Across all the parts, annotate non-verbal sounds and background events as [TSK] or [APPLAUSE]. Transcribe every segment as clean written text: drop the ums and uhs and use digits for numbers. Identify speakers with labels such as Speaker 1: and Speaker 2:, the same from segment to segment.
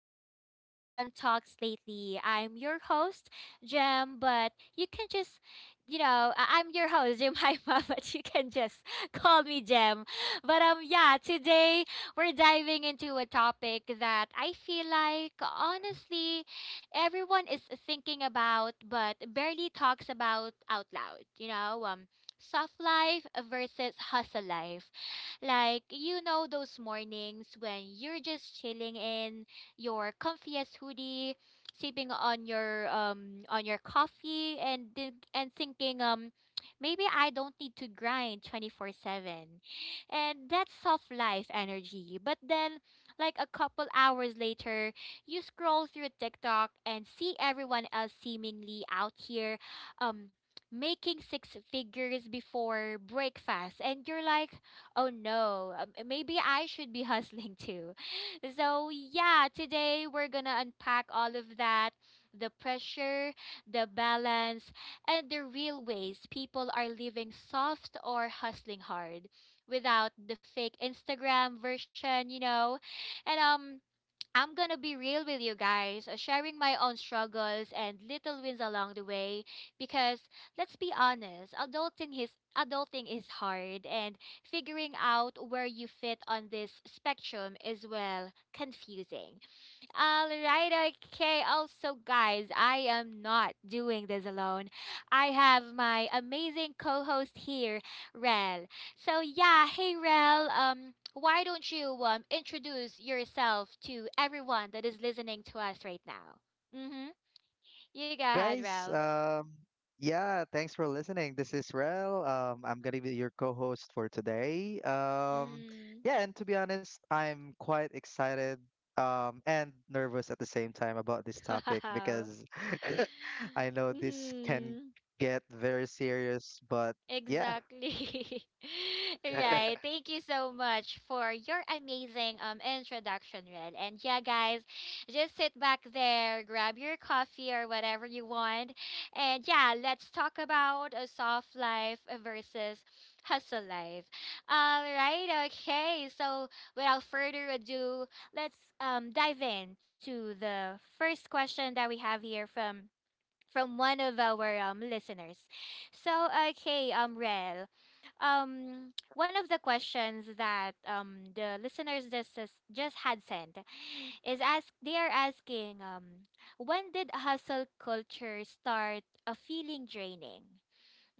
Speaker 1: again to Jam Talks Lately. I'm your host, Jam, but you can just, you know, I- I'm your host, Jemima, [LAUGHS] but you can just [LAUGHS] call me Jam. But yeah, today we're diving into a topic that I feel like, honestly, everyone is thinking about, but barely talks about out loud. Soft life versus hustle life, like, you know, those mornings when you're just chilling in your comfiest hoodie, sipping on your coffee and thinking maybe I don't need to grind 24/7. And that's soft life energy. But then like a couple hours later, you scroll through TikTok and see everyone else seemingly out here um making six figures before breakfast and you're like, oh no, maybe I should be hustling too. [LAUGHS] So, yeah, today we're gonna unpack all of that: the pressure, the balance, and the real ways people are living soft or hustling hard without the fake Instagram version, you know. And I'm gonna be real with you guys, sharing my own struggles and little wins along the way. Because let's be honest, adulting is hard, and figuring out where you fit on this spectrum is, well, confusing. All right, okay. Also, guys, I am not doing this alone. I have my amazing co-host here, Rel. So yeah, hey Rel. Why don't you introduce yourself to everyone that is listening to us right now? Mm-hmm. You go ahead,
Speaker 2: Guys,
Speaker 1: Rel.
Speaker 2: um, yeah, thanks for listening. This is Rel. I'm gonna be your co-host for today.
Speaker 1: Mm.
Speaker 2: Yeah, and to be honest, I'm quite excited and nervous at the same time about this topic
Speaker 1: [LAUGHS]
Speaker 2: because [LAUGHS] I know
Speaker 1: Wow.
Speaker 2: this can
Speaker 1: Mm-hmm.
Speaker 2: get very serious, but yeah,
Speaker 1: Exactly. [LAUGHS] Right.
Speaker 2: [LAUGHS]
Speaker 1: Thank you so much for your amazing introduction, Red. And yeah, guys, just sit back there, grab your coffee or whatever you want. And yeah, let's talk about a soft life versus hustle life. All right. Okay. So, without further ado, let's dive into the first question that we have here from one of our listeners. So, okay, Rel, one of the questions that the listeners just had sent is ask they are asking, when did hustle culture start a feeling draining?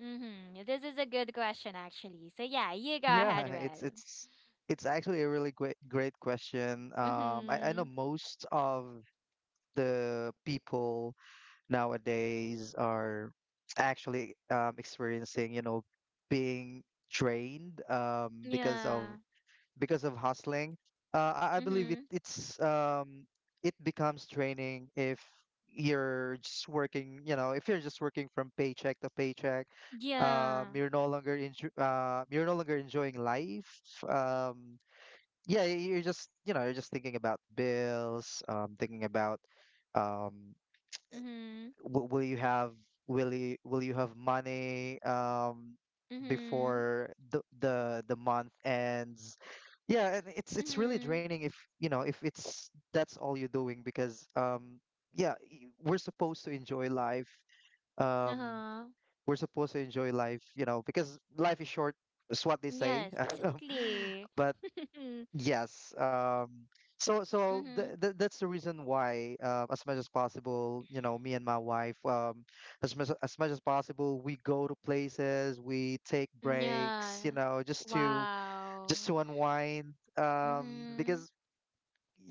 Speaker 1: Mm-hmm. This is a good question actually. So yeah, you go
Speaker 2: yeah,
Speaker 1: ahead,
Speaker 2: it's
Speaker 1: Rel.
Speaker 2: it's it's actually a really great question. I
Speaker 1: Mm-hmm.
Speaker 2: know most of the people nowadays are actually experiencing, you know, being drained
Speaker 1: Yeah.
Speaker 2: because of hustling. I believe
Speaker 1: Mm-hmm.
Speaker 2: it becomes draining if you're just working, you know, if you're just working from paycheck to paycheck.
Speaker 1: Yeah.
Speaker 2: You're no longer you're no longer enjoying life. Um, yeah, you're just you're just thinking about bills, thinking about um
Speaker 1: Mm-hmm.
Speaker 2: will you have will you have money
Speaker 1: Mm-hmm.
Speaker 2: before the month ends. Yeah, and it's really
Speaker 1: Mm-hmm.
Speaker 2: draining if you know if it's that's all you're doing because yeah, we're supposed to enjoy life, um
Speaker 1: Uh-huh.
Speaker 2: we're supposed to enjoy life, you know, because life is short. That's what they say.
Speaker 1: Yes,
Speaker 2: [LAUGHS] um,
Speaker 1: exactly.
Speaker 2: but
Speaker 1: [LAUGHS]
Speaker 2: yes. So so th
Speaker 1: Mm-hmm.
Speaker 2: th that's the reason why, as much as possible, you know, me and my wife, as much as possible, we go to places, we take
Speaker 1: Yeah.
Speaker 2: breaks, you know,
Speaker 1: Wow.
Speaker 2: just to unwind. Because
Speaker 1: Mm-hmm.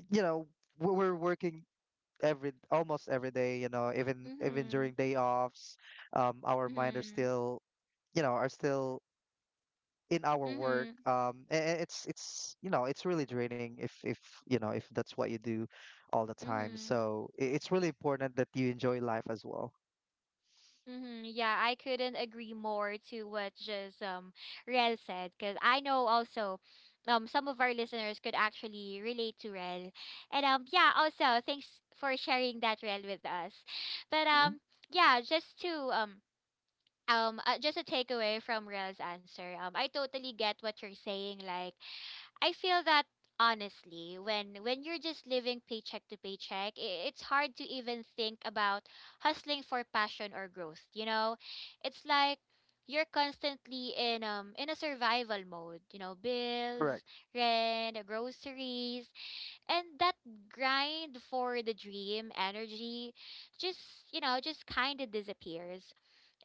Speaker 2: you know we're working every almost every day, you know, even
Speaker 1: Mm-hmm.
Speaker 2: during day offs, our mind are
Speaker 1: Mm-hmm.
Speaker 2: still, you know, are still in our work,
Speaker 1: Mm-hmm.
Speaker 2: and it's it's really draining if if that's what you do all the time.
Speaker 1: Mm-hmm.
Speaker 2: So it's really important that you enjoy life as well.
Speaker 1: Mm-hmm. Yeah, I couldn't agree more to what just Rel said, because I know also some of our listeners could actually relate to Rel. And yeah, also thanks for sharing that, Rel, with us. But
Speaker 2: Hmm.
Speaker 1: yeah, just to Just a takeaway from Rel's answer. I totally get what you're saying. Like, I feel that honestly, when you're just living paycheck to paycheck, it's hard to even think about hustling for passion or growth, you know. It's like you're constantly in a survival mode, you know. Bills,
Speaker 2: Correct.
Speaker 1: rent, groceries, and that grind for the dream energy just, you know, just kind of disappears.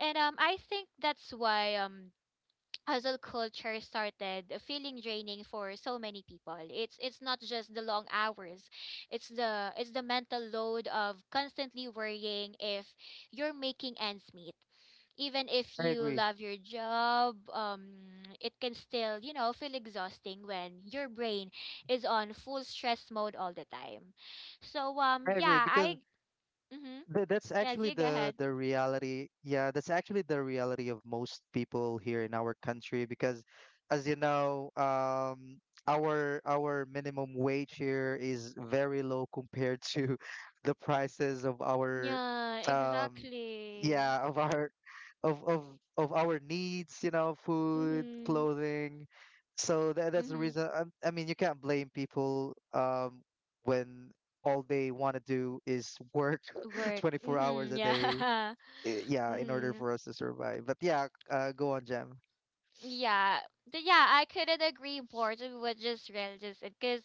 Speaker 1: And um i think that's why hustle culture started feeling draining for so many people. It's not just the long hours, it's the mental load of constantly worrying if you're making ends meet. Even if
Speaker 2: I
Speaker 1: you
Speaker 2: agree.
Speaker 1: love your job, it can still, you know, feel exhausting when your brain is on full stress mode all the time. So, um,
Speaker 2: I agree
Speaker 1: yeah,
Speaker 2: because
Speaker 1: I, mm-hmm,
Speaker 2: That's
Speaker 1: yes,
Speaker 2: actually
Speaker 1: you go ahead.
Speaker 2: the reality. Yeah, that's actually the reality of most people here in our country because, as you know, our minimum wage here is very low compared to [LAUGHS] the prices of our,
Speaker 1: Yeah,
Speaker 2: um,
Speaker 1: exactly.
Speaker 2: yeah, of our of of of our needs, you know, food,
Speaker 1: Mm-hmm,
Speaker 2: clothing. So that, that's the
Speaker 1: mm-hmm.
Speaker 2: reason I mean you can't blame people when all they want to do is work [LAUGHS]
Speaker 1: Work.
Speaker 2: 24 hours
Speaker 1: Mm-hmm,
Speaker 2: a day,
Speaker 1: yeah.
Speaker 2: eh,
Speaker 1: [LAUGHS]
Speaker 2: yeah, in order
Speaker 1: mm,
Speaker 2: for us to survive. But yeah, go on, Jam.
Speaker 1: Yeah, I couldn't agree more to what just real just said, because,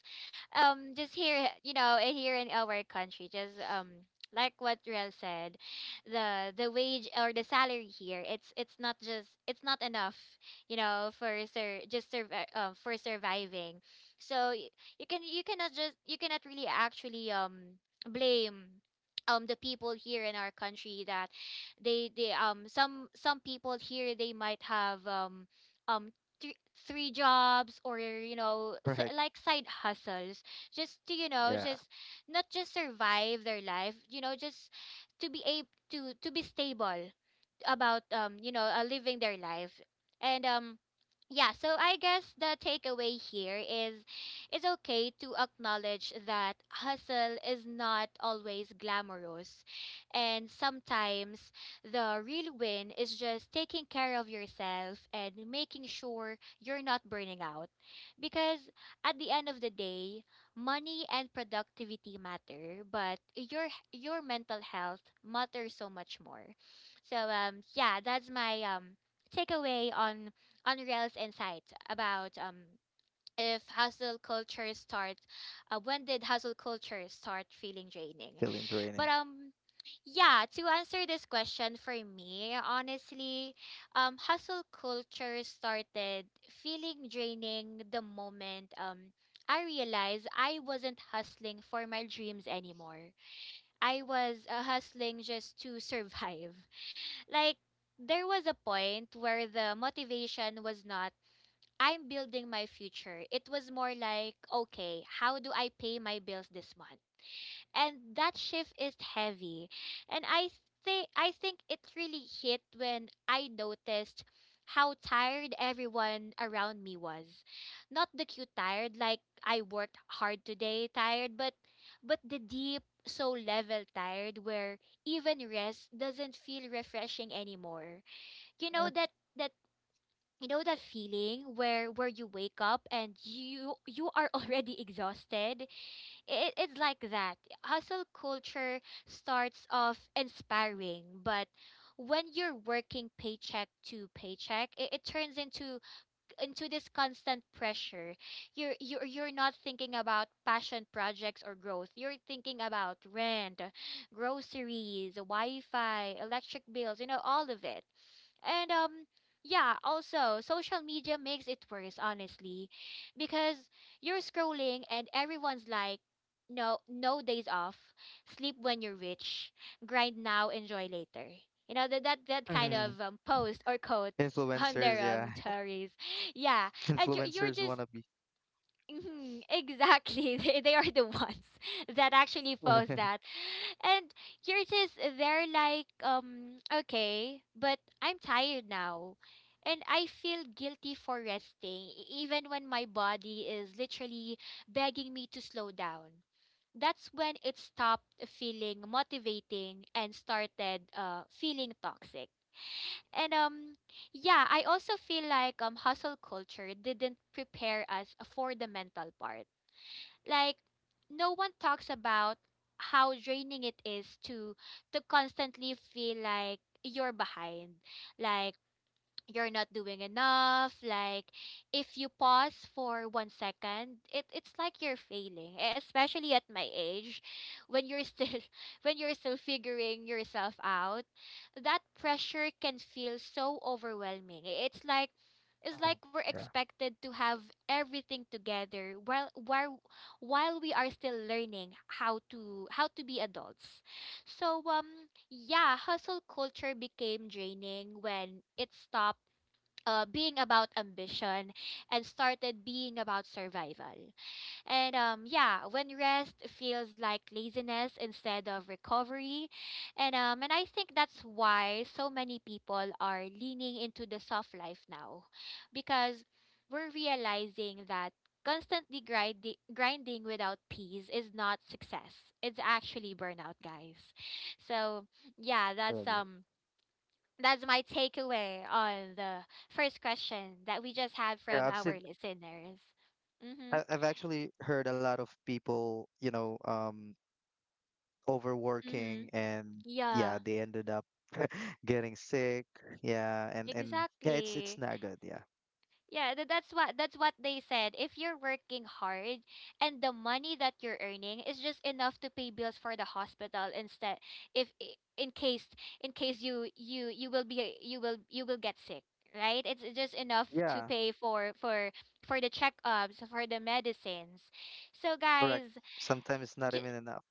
Speaker 1: just here, you know, here in our country, just like what Real said, the wage or the salary here, it's not just it's not enough, you know, for sur just survi for surviving. so y- you can you cannot just you cannot really actually blame. The people here in our country. That they Some people here, they might have um three jobs, or you know,
Speaker 2: Correct.
Speaker 1: like side hustles, just to, you know,
Speaker 2: [LAUGHS] Yeah,
Speaker 1: just not just survive their life, you know, just to be able to be stable about, um, you know, living their life. And yeah, so I guess the takeaway here is it's okay to acknowledge that hustle is not always glamorous, and sometimes the real win is just taking care of yourself and making sure you're not burning out, because at the end of the day, money and productivity matter, but your mental health matters so much more. So yeah, that's my takeaway on Rael's insight about if hustle culture start when did hustle culture start feeling draining?
Speaker 2: feeling
Speaker 1: But
Speaker 2: draining.
Speaker 1: Yeah, to answer this question for me, honestly, hustle culture started feeling draining the moment I realized I wasn't hustling for my dreams anymore. I was, hustling just to survive. Like, there was a point where the motivation was not, I'm building my future. It was more like, okay, how do I pay my bills this month? And that shift is heavy. And I think it really hit when I noticed how tired everyone around me was. Not the cute tired, like I worked hard today tired, but the deep, so level tired where even rest doesn't feel refreshing anymore. You know that that you know that feeling where you wake up and you are already [LAUGHS] exhausted. It's like that. Hustle culture starts off inspiring, but when you're working paycheck to paycheck, it turns into this constant pressure. You're not thinking about passion projects or growth, you're thinking about rent, groceries, wi-fi, electric bills, you know, all of it. And yeah, also social media makes it worse, honestly, because you're scrolling and everyone's like, no no days off. Sleep when you're rich. Grind now, enjoy later. You know that kind
Speaker 2: Mhm.
Speaker 1: of, post or quote [LAUGHS] on
Speaker 2: Influencers,
Speaker 1: their
Speaker 2: yeah.
Speaker 1: stories. Yeah,
Speaker 2: [LAUGHS]
Speaker 1: and you're
Speaker 2: Influencers
Speaker 1: just
Speaker 2: wanna be
Speaker 1: mhm, exactly. [LAUGHS] They are the ones [LAUGHS] that actually post
Speaker 2: [LAUGHS]
Speaker 1: that. And you're just there like, okay, but I'm tired now. And I feel guilty for resting, even when my body is literally begging me to slow down. That's when it stopped feeling motivating and started, feeling toxic. And yeah, I also feel like hustle culture didn't prepare us for the mental part. Like, no one talks about how draining it is to constantly feel like you're behind. Like, you're not doing enough. Like, if you pause for 1 second, it's like you're failing, especially at my age, when you're still [LAUGHS] when you're still figuring yourself out. That pressure can feel so overwhelming. It's like, we're
Speaker 2: Yeah,
Speaker 1: expected to have everything together while we are still learning how to be adults. So yeah, hustle culture became draining when it stopped, being about ambition and started being about survival. And yeah, when rest feels like laziness instead of recovery, and I think that's why so many people are leaning into the soft life now, because we're realizing that constantly grinding without peace is not success. It's actually burnout, guys. So yeah,
Speaker 2: I agree.
Speaker 1: that's my takeaway on the first question that we just had
Speaker 2: Yeah,
Speaker 1: from
Speaker 2: I've
Speaker 1: our
Speaker 2: seen,
Speaker 1: listeners. Mhm.
Speaker 2: I've actually heard a lot of people, you know, um,
Speaker 1: Mhm.
Speaker 2: overworking, and yeah,
Speaker 1: Yeah.
Speaker 2: they ended up [LAUGHS] getting sick. Yeah, and yeah, it's
Speaker 1: Exactly.
Speaker 2: not good. Yeah.
Speaker 1: Yeah, that's what they said. If you're working hard and the money that you're earning is just enough to pay bills for the hospital instead, if in case, you will you will get sick, right? It's just enough to
Speaker 2: Yeah,
Speaker 1: pay for the checkups, for the medicines. So
Speaker 2: correct.
Speaker 1: guys,
Speaker 2: Sometimes it's not
Speaker 1: ju-
Speaker 2: even enough.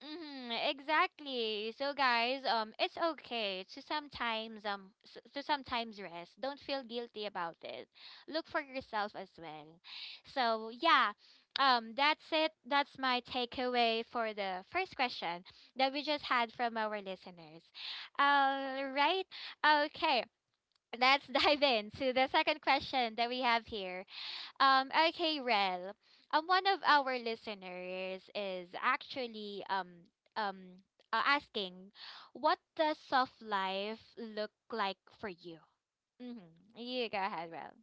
Speaker 1: mm-hmm, exactly. So guys, it's okay to sometimes, rest. Don't feel guilty about it. Look for yourself as well. So yeah, that's it. That's my takeaway for the first question that we just had from our listeners. All right. Okay. Let's [LAUGHS] dive into the second question that we have here. Okay, Rel. One of our listeners is actually um asking, what does soft life look like for you? Mm-hmm. You go ahead, Rel.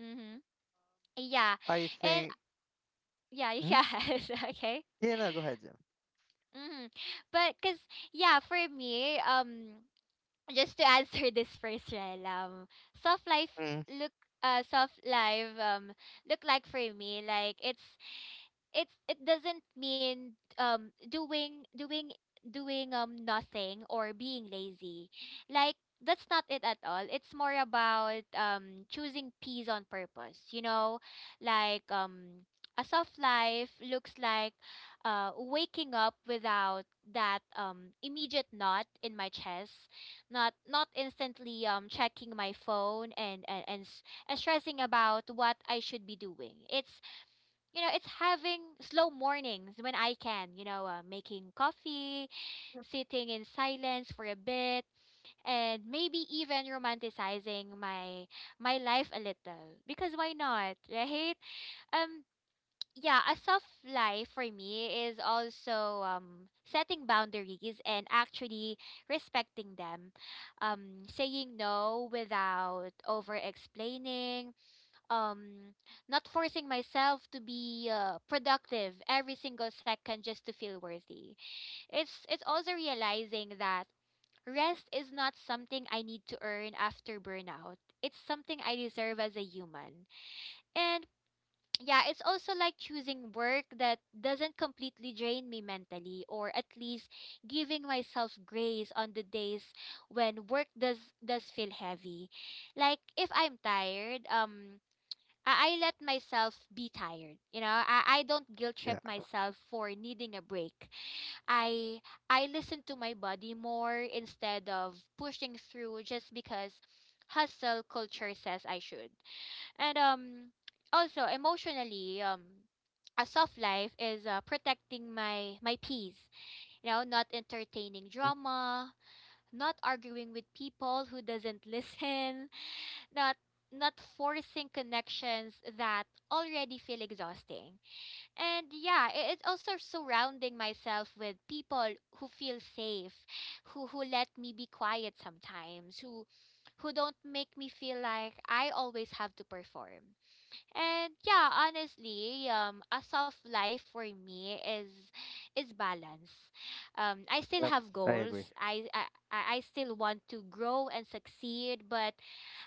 Speaker 1: Mm-hmm. Yeah,
Speaker 2: I
Speaker 1: and
Speaker 2: think.
Speaker 1: yeah, [LAUGHS]
Speaker 2: Hmm?
Speaker 1: yes, okay.
Speaker 2: Yeah, no, go ahead, Jim.
Speaker 1: Mm-hmm. But cause yeah, for me, just to answer [LAUGHS] this first, Rel. Soft life
Speaker 2: Mm,
Speaker 1: look soft life look like for me, like, it's it doesn't mean doing doing doing nothing or being lazy, like, that's not it at all. It's more about choosing peace on purpose, you know. Like, a soft life looks like waking up without that immediate knot in my chest, not instantly checking my phone and and stressing about what I should be doing. It's it's having slow mornings when I can, you know, making coffee, sitting in silence for a bit, and maybe even romanticizing my life a little. Because why not, right? Um yeah, a soft life for me is also setting boundaries and actually respecting them. Saying no without over explaining, um not forcing myself to be productive every single second just to feel worthy. It's also realizing that rest is not something I need to earn after burnout. It's something I deserve as a human. And yeah, it's also like choosing work that doesn't completely drain me mentally, or at least giving myself grace on the days when work does feel heavy. Like if I'm tired, I let myself be tired. You know, I don't guilt trip
Speaker 2: yeah.
Speaker 1: myself for needing a break. I I listen to my body more instead of pushing through just because hustle culture says I should. And also emotionally, a soft life is protecting my peace. You know, not entertaining
Speaker 2: Mm.
Speaker 1: drama, not arguing with people who doesn't [LAUGHS] listen, not not forcing connections that already feel exhausting. And yeah, it's also surrounding myself with people who feel safe, who let me be quiet sometimes, who don't make me feel like I always have to perform. And yeah, honestly, a soft life for me is balance. I still
Speaker 2: Yep,
Speaker 1: have
Speaker 2: I agree.
Speaker 1: goals. I still want to grow and succeed, but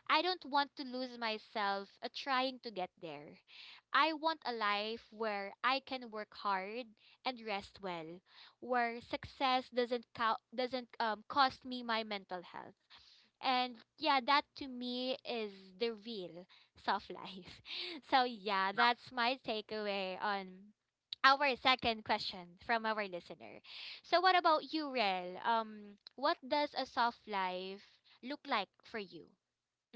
Speaker 1: I don't want to lose myself trying to get there. I want a life where I can work hard and rest well, where success doesn't count, doesn't cost me my mental health. And yeah, that to me is the real soft life. [LAUGHS] So yeah, that's my takeaway on our second question from our listener. So what about you, Rel? What does a soft life look like for you?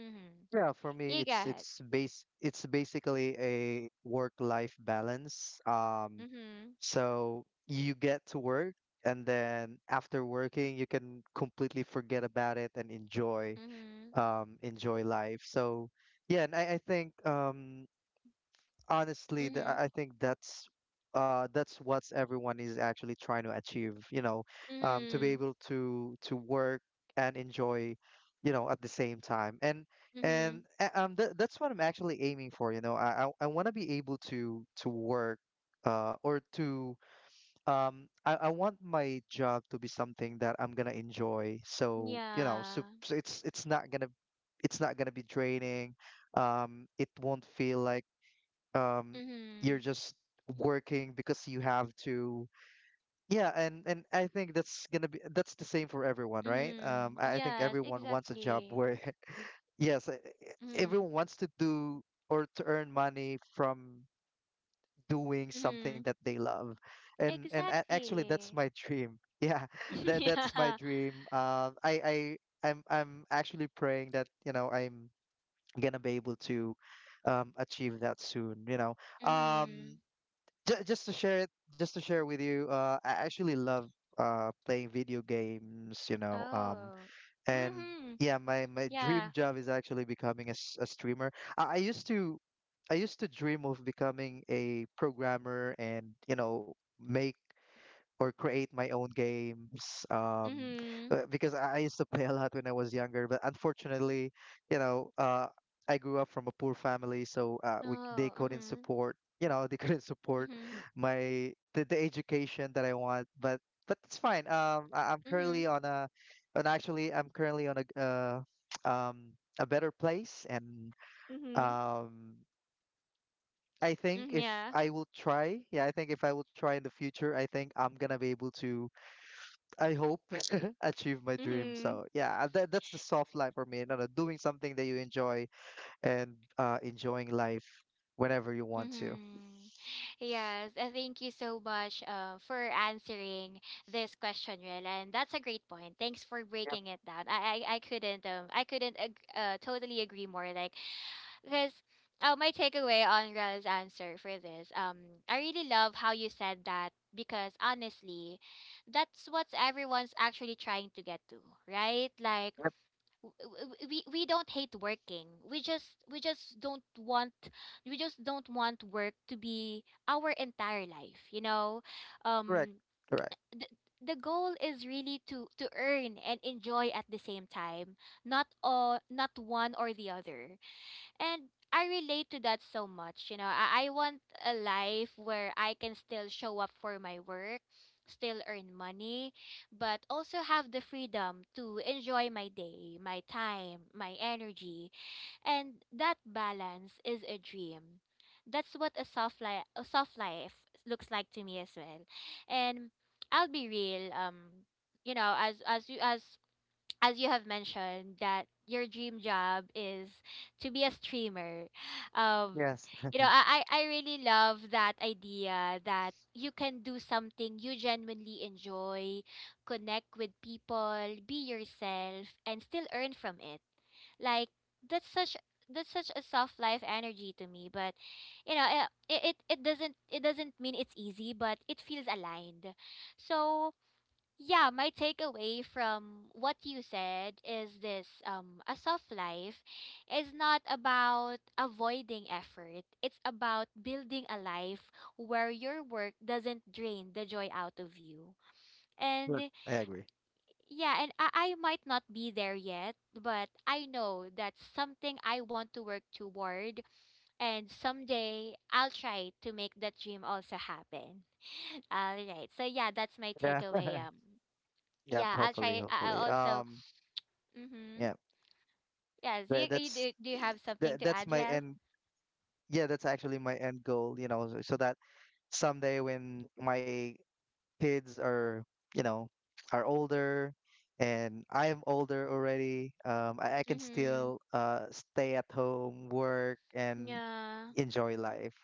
Speaker 1: Mm-hmm.
Speaker 2: Yeah, for me,
Speaker 1: You go
Speaker 2: it's
Speaker 1: ahead.
Speaker 2: it's base it's basically a work-life balance.
Speaker 1: Mhm.
Speaker 2: So you get to work, and then after working, you can completely forget about it and enjoy,
Speaker 1: Mhm.
Speaker 2: enjoy life. So yeah, and I think honestly, th-
Speaker 1: Mhm.
Speaker 2: I I think that's what everyone is actually trying to achieve. You know, to be
Speaker 1: Mhm.
Speaker 2: able to work and enjoy, you know, at the same time. And
Speaker 1: Mhm.
Speaker 2: that's what I'm actually aiming for. You know, I want to be able to work or to um, I want my job to be something that I'm gonna enjoy, so you know, so,
Speaker 1: Yeah.
Speaker 2: so it's not gonna be draining, it won't feel like um you're
Speaker 1: Mhm.
Speaker 2: just working because you have to. Yeah, and I think that's gonna be that's the same for everyone, right? um
Speaker 1: Mhm.
Speaker 2: I, I think
Speaker 1: Yes,
Speaker 2: everyone wants a job
Speaker 1: exactly.
Speaker 2: where [LAUGHS] yes e- e-
Speaker 1: Mhm.
Speaker 2: everyone wants to do or to earn money from doing something
Speaker 1: Mhm.
Speaker 2: that they love. And actually, that's
Speaker 1: Exactly.
Speaker 2: my dream. Yeah, [LAUGHS] that
Speaker 1: [LAUGHS]
Speaker 2: that's my
Speaker 1: Yeah.
Speaker 2: dream. I'm actually praying that, you know, I'm gonna be able to, achieve that soon, you know. um
Speaker 1: Mhm.
Speaker 2: just to share it, just to share with you, uh, I actually love playing video games, you know, um,
Speaker 1: Oh.
Speaker 2: and
Speaker 1: Mhm.
Speaker 2: yeah, my dream
Speaker 1: Yeah.
Speaker 2: job is actually becoming a, a streamer. I, I used to I used to dream of becoming a programmer and you know make or create my own games, um,
Speaker 1: Mhm.
Speaker 2: because I used to play a lot when I was younger, but unfortunately, you know, uh, I grew up from a poor family, so uh, they
Speaker 1: Oh.
Speaker 2: couldn't
Speaker 1: Mhm.
Speaker 2: support, you know, [LAUGHS] they couldn't support
Speaker 1: Mhm.
Speaker 2: my, the education that I want, but it's fine. um I, I'm currently
Speaker 1: Mhm.
Speaker 2: on a and actually I'm currently on a [TSK] um, a better place, and
Speaker 1: Mhm.
Speaker 2: um, I think
Speaker 1: Mhm.
Speaker 2: if
Speaker 1: Yeah.
Speaker 2: I will try, yeah, I think if I will try in the future, I think I'm gonna be able to, I hope, [LAUGHS] achieve my dream.
Speaker 1: Mhm.
Speaker 2: So yeah, that, that's the soft life for me. No, no, doing something that you enjoy and enjoying life whenever you want to.
Speaker 1: Mm-hmm. Yes, thank you so much for answering this question, Rel. And that's a great point. Thanks for
Speaker 2: Yep,
Speaker 1: breaking it down. I couldn't I couldn't totally agree more. Like, because my takeaway on Rel's answer for this, I really love how you said that, because honestly, that's what everyone's actually trying to get to, right? Like,
Speaker 2: yep.
Speaker 1: w- we don't hate working. We just don't want, we just don't want work to be our entire life, you know?
Speaker 2: Correct.
Speaker 1: Um
Speaker 2: Correct.
Speaker 1: the, the goal is really to earn and enjoy at the same time, not not one or the other. And I relate to that so much. You know, I want a life where I can still show up for my work, still earn money, but also have the freedom to enjoy my day, my time, my energy. And that balance is a dream. That's what a soft life looks like to me as well. And I'll be real. You know, as you have mentioned that your dream job is to be a streamer, um
Speaker 2: Yes.
Speaker 1: you know, I really love that idea that you can do something you genuinely enjoy, connect with people, be yourself, and still earn from it. Like, that's such, that's such a soft life energy to me. But you know, it doesn't, it doesn't mean it's easy, but it feels aligned. So yeah, my takeaway from what you said is this: a soft life is not about avoiding effort. It's about building a life where your work doesn't drain the joy out of you. And
Speaker 2: Good. I agree.
Speaker 1: yeah, and I might not be there yet, but I know that's something I want to work toward, and someday I'll try to make that dream also happen. [LAUGHS] All right. So yeah, that's my
Speaker 2: Yeah.
Speaker 1: takeaway.
Speaker 2: [LAUGHS] Yep.
Speaker 1: Yeah, I'll
Speaker 2: Hopefully.
Speaker 1: try. I'll
Speaker 2: Hopefully.
Speaker 1: also. Mm-hmm.
Speaker 2: Yeah.
Speaker 1: Yes.
Speaker 2: That,
Speaker 1: You
Speaker 2: that's
Speaker 1: do. Do you have something
Speaker 2: that,
Speaker 1: to
Speaker 2: that's
Speaker 1: add,
Speaker 2: my
Speaker 1: Rel?
Speaker 2: end. Yeah, that's actually my end goal. You know, so so that someday when my kids are, you know, are older and I am older already, I can
Speaker 1: Mm-hmm.
Speaker 2: still stay at home, work, and
Speaker 1: Yeah.
Speaker 2: enjoy life.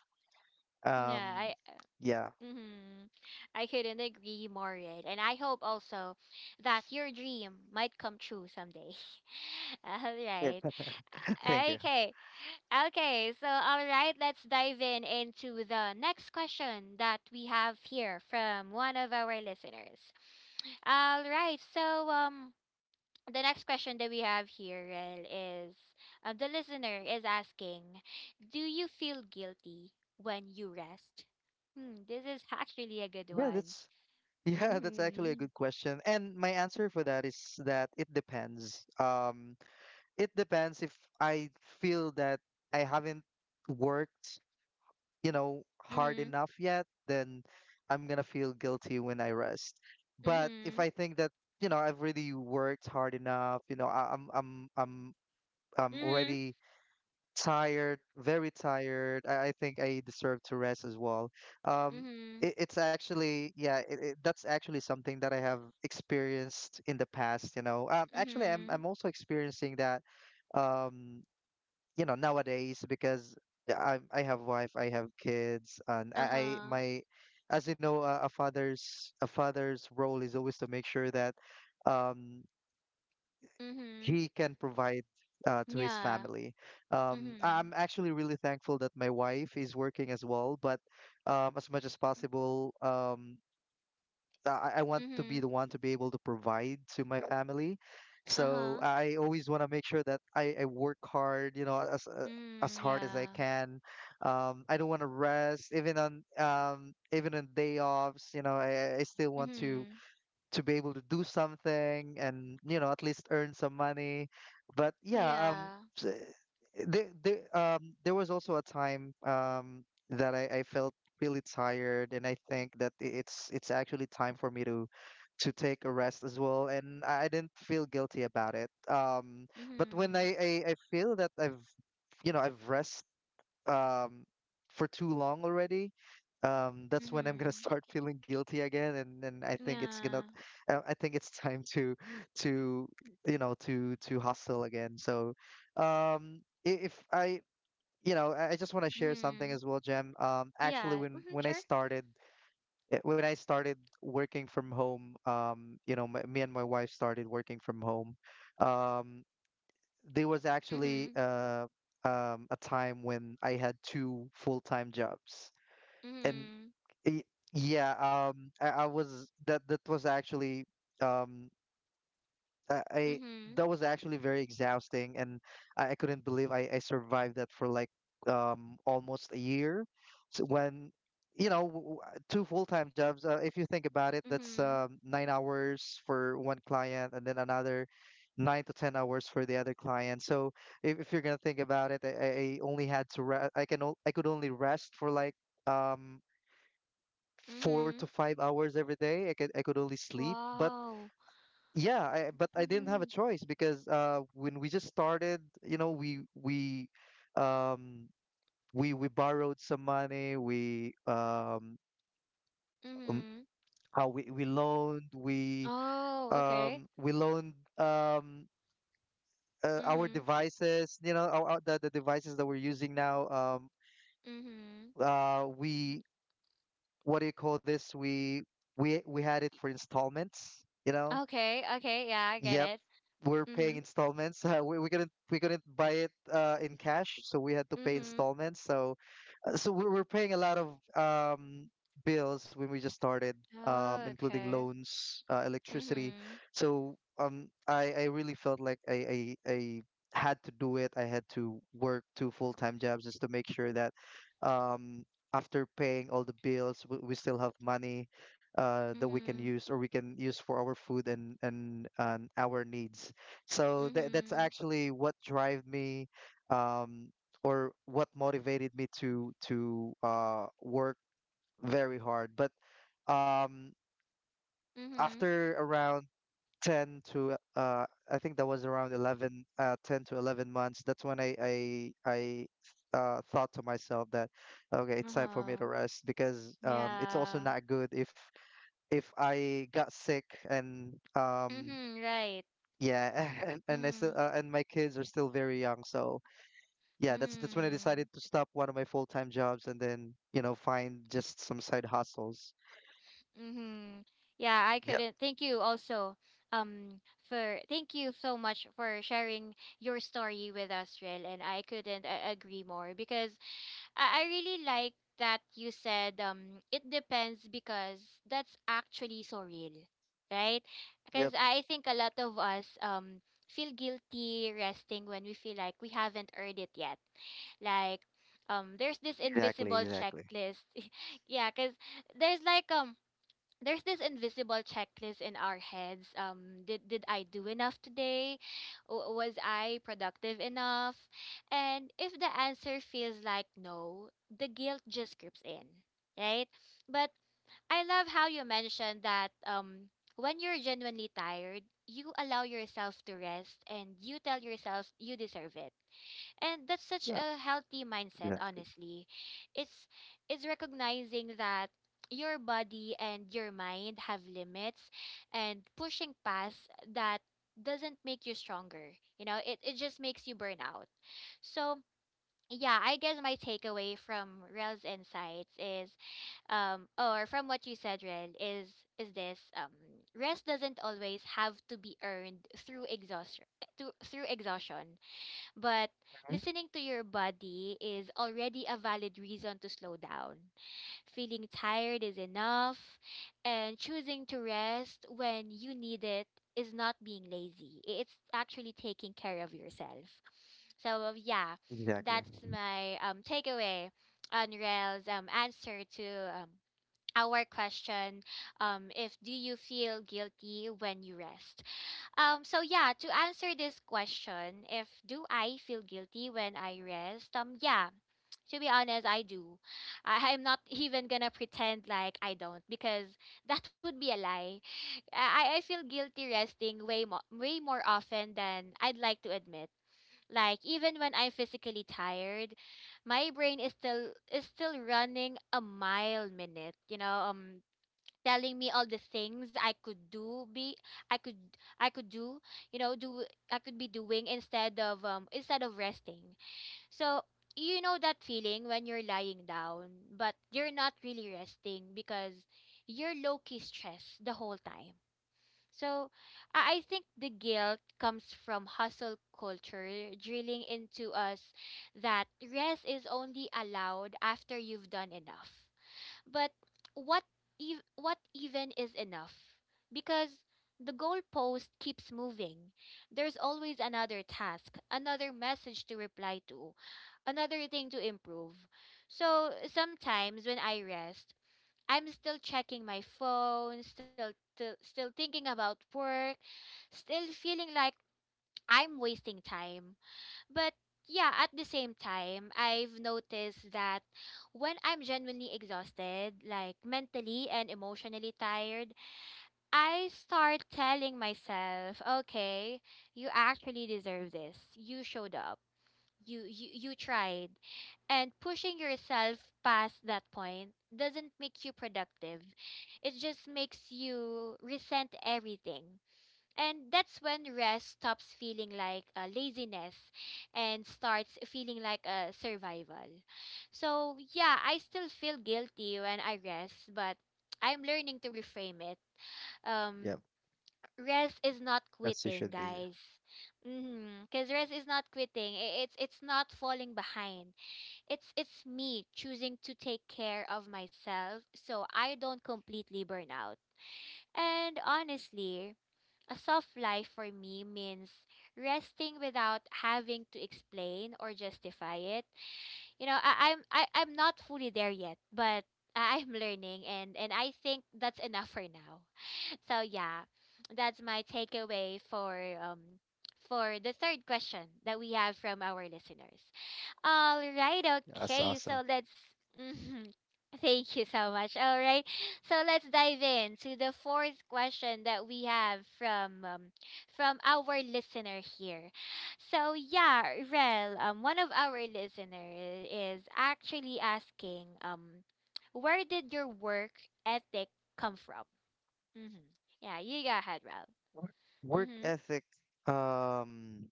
Speaker 1: Yeah.
Speaker 2: Um,
Speaker 1: I.
Speaker 2: yeah.
Speaker 1: Mm-hmm. I couldn't agree more, Red. And I hope also that your dream might come true someday. [LAUGHS] All
Speaker 2: Yeah.
Speaker 1: right.
Speaker 2: [LAUGHS] Thank you.
Speaker 1: Okay. Okay. So all right. Let's dive in into the next question that we have here from one of our listeners. All right. So the next question that we have here, Rel, is, the listener is asking, do you feel guilty when you rest? Hmm, this is [LAUGHS] actually a good
Speaker 2: Yeah,
Speaker 1: one.
Speaker 2: that's [LAUGHS] yeah, that's actually a good
Speaker 1: Mm-hmm.
Speaker 2: question. And my answer for that is that it depends. It depends if I feel that I haven't worked, you know, hard
Speaker 1: Mm-hmm.
Speaker 2: enough yet, then I'm gonna feel guilty when I rest. But if
Speaker 1: Mm-hmm.
Speaker 2: I think that, you know, I've really worked hard enough, you know, I'm
Speaker 1: Mm-hmm.
Speaker 2: already tired, very tired. I think I deserve to rest as well. Um,
Speaker 1: Mm-hmm.
Speaker 2: it's actually, yeah, it, that's actually something that I have experienced in the past, you know. Actually, I'm
Speaker 1: Mm-hmm.
Speaker 2: I'm also experiencing that. Um, you know, nowadays, because I have wife, I have kids, and I
Speaker 1: Uh-huh.
Speaker 2: my as you know, a father's role is always to make sure that, um,
Speaker 1: Mm-hmm.
Speaker 2: he can provide to his
Speaker 1: Yeah.
Speaker 2: family.
Speaker 1: Mm-hmm.
Speaker 2: I'm actually really thankful that my wife is working as well, but as much as possible. I want to be
Speaker 1: Mm-hmm.
Speaker 2: the one to be able to provide to my family. So
Speaker 1: Uh-huh.
Speaker 2: I always want to make sure that I work hard, you know, as
Speaker 1: Mm,
Speaker 2: hard as I
Speaker 1: yeah.
Speaker 2: can. I don't want to rest even on even on day offs. You know, I still want
Speaker 1: Mm-hmm.
Speaker 2: to be able to do something, and you know, at least earn some money. But yeah,
Speaker 1: Yeah.
Speaker 2: s- there, there was also a time that I felt really tired, and I think that it's actually time for me to take a rest as well, and I didn't feel guilty about it, um, but when I,
Speaker 1: Mm-hmm.
Speaker 2: I I feel that I've, you know, I've rest, um, for too long already, that's when I'm gonna
Speaker 1: Mm-hmm.
Speaker 2: start [LAUGHS] feeling guilty again, and I think it's gonna,
Speaker 1: Yeah.
Speaker 2: I think it's time to, you know, to hustle again. So, if I, you know, I just want to share something
Speaker 1: Mm-hmm.
Speaker 2: as well, Jem. Actually,
Speaker 1: Yeah.
Speaker 2: when
Speaker 1: Mm-hmm.
Speaker 2: when I
Speaker 1: Sure.
Speaker 2: started, eh, when I started working from home, you know, my, me and my wife started working from home. Um, there was actually
Speaker 1: Mm-hmm.
Speaker 2: a time when I had two full-time jobs, and
Speaker 1: Mhm.
Speaker 2: y- yeah, I was that that was actually um, I
Speaker 1: Mhm.
Speaker 2: that was actually very exhausting, and I couldn't believe I survived that for like um, almost a year. So when, you know, two full-time jobs, if you think about it, that's
Speaker 1: Mhm.
Speaker 2: 9 hours for one client, and then another 9 to 10 hours for the other client. So if you're gonna think about it, I only had to re- I can o- I could only rest for like um four to
Speaker 1: Mhm.
Speaker 2: five hours every day. I could only sleep, but
Speaker 1: Wow.
Speaker 2: yeah, I, but I didn't have a
Speaker 1: Mhm.
Speaker 2: choice because uh, when we just started, you know, um we borrowed some money, um,
Speaker 1: Mhm.
Speaker 2: we loaned,
Speaker 1: Oh, okay.
Speaker 2: we loaned um, our
Speaker 1: Mhm.
Speaker 2: devices, you know, our, the devices that we're using now, um,
Speaker 1: Mhm.
Speaker 2: uh, we what do you call this we we had it for installments, you know.
Speaker 1: Okay, okay. Yeah, I get
Speaker 2: Yep,
Speaker 1: it.
Speaker 2: we're paying
Speaker 1: Mhm.
Speaker 2: installments. [LAUGHS] We couldn't buy it in cash, so we had to pay
Speaker 1: Mhm.
Speaker 2: installments. So we were paying a lot of bills when we just started,
Speaker 1: Oh,
Speaker 2: including
Speaker 1: okay.
Speaker 2: loans, electricity.
Speaker 1: Mhm.
Speaker 2: So I really felt like I had to do it. I had to work two full-time jobs just to make sure that um, after paying all the bills, we still have money that we can
Speaker 1: Mhm.
Speaker 2: use or we can use for our food and and our needs. So that's
Speaker 1: Mhm.
Speaker 2: actually what drive me. Um, or what motivated me to work very hard. But um,
Speaker 1: Mhm.
Speaker 2: after around 10 to I think that was around 11, 10 to 11 months. That's when I thought to myself that okay, it's time for me
Speaker 1: Uh-huh.
Speaker 2: to rest because it's also
Speaker 1: Yeah.
Speaker 2: not good if I got sick and
Speaker 1: Mhm, right.
Speaker 2: yeah, [LAUGHS] and I still
Speaker 1: Mhm.
Speaker 2: and my kids are still very young, so yeah, that's when I decided
Speaker 1: Mhm.
Speaker 2: to stop one of my full-time jobs and then, you know, find just some side hustles.
Speaker 1: Mm-hmm. Yeah, I
Speaker 2: Yep.
Speaker 1: couldn't. Thank you also. Um, for thank you so much for sharing your story with us, Rel, and I couldn't agree more, because I really like that you said, it depends, because that's actually so real, right? Because
Speaker 2: Yep.
Speaker 1: I think a lot of us feel guilty resting when we feel like we haven't earned it yet. Like, there's this
Speaker 2: Exactly.
Speaker 1: invisible
Speaker 2: Exactly.
Speaker 1: checklist. [LAUGHS] Yeah, because there's like, there's this invisible checklist in our heads. Did I do enough today? Was I productive enough? And if the answer feels like no, the guilt just creeps in, right? But I love how you mentioned that, when you're genuinely tired, you allow yourself to rest and you tell yourself you deserve it. And that's such
Speaker 2: Yeah.
Speaker 1: a healthy mindset,
Speaker 2: Exactly.
Speaker 1: honestly. It's it's recognizing that your body and your mind have limits, and pushing past that doesn't make you stronger. You know, it just makes you burn out. So yeah, I guess my takeaway from Rel's insights is or from what you said, Rel, is this: rest doesn't always have to be earned through exhaustion, through exhaustion, but
Speaker 2: Mhm.
Speaker 1: listening to your body is already a valid reason to slow down. Feeling tired is enough, and choosing to rest when you need it is not being lazy. It's actually taking care of yourself. So yeah,
Speaker 2: Exactly.
Speaker 1: that's my takeaway on Rael's answer to um our question, if do you feel guilty when you rest? So yeah, to answer this question, if do I feel guilty when I rest? Yeah, to be honest, I do. I, [LAUGHS] I'm not even gonna pretend like I don't, because that would be a lie. I feel guilty resting way more often than I'd like to admit. Like, even when I'm physically tired, my brain is still running a mile minute, you know, telling me all the things I could I could do you know do I could be doing instead of resting. So, you know, that feeling when you're lying down, but you're not really resting because you're low key stressed the whole time. So I think the guilt comes from hustle culture drilling into us that rest is only allowed after you've done enough. But what what even is enough? Because the goalpost keeps moving. There's always another task, another message to reply to, another thing to improve. So sometimes when I rest, I'm still checking my phone, still thinking about work, still feeling like I'm wasting time. But yeah, at the same time, I've noticed that when I'm genuinely exhausted, like mentally and emotionally tired, I start telling myself, okay, you actually deserve this. You showed up. You tried, and pushing yourself past that point doesn't make you productive, it just makes you resent everything. And that's when rest stops feeling like laziness and starts feeling like a survival. So, yeah, I still feel guilty when I rest, but I'm learning to reframe it.
Speaker 2: Yep.
Speaker 1: Um, rest is not
Speaker 2: That's you
Speaker 1: quitting,
Speaker 2: should be.
Speaker 1: guys. Because rest is not quitting. It's not falling behind. It's me choosing to take care of myself so I don't completely burn out. And honestly, a soft life for me means resting without having to explain or justify it. You know, I, I'm not fully there yet, but [LAUGHS] I'm learning, and I think that's enough for now. [LAUGHS] So yeah, that's my takeaway um for the third question that we have from our listeners. All right,
Speaker 2: That's
Speaker 1: okay.
Speaker 2: awesome.
Speaker 1: So let's. Mhm. [LAUGHS] Thank you so much. All right. So let's dive in to the fourth question that we have from our listener here. So yeah, Rel, one of our listener is actually asking, where did your work ethic come from? Mm-hmm. Yeah, you go ahead, Rel.
Speaker 2: Work work
Speaker 1: Mm-hmm.
Speaker 2: ethic. Um,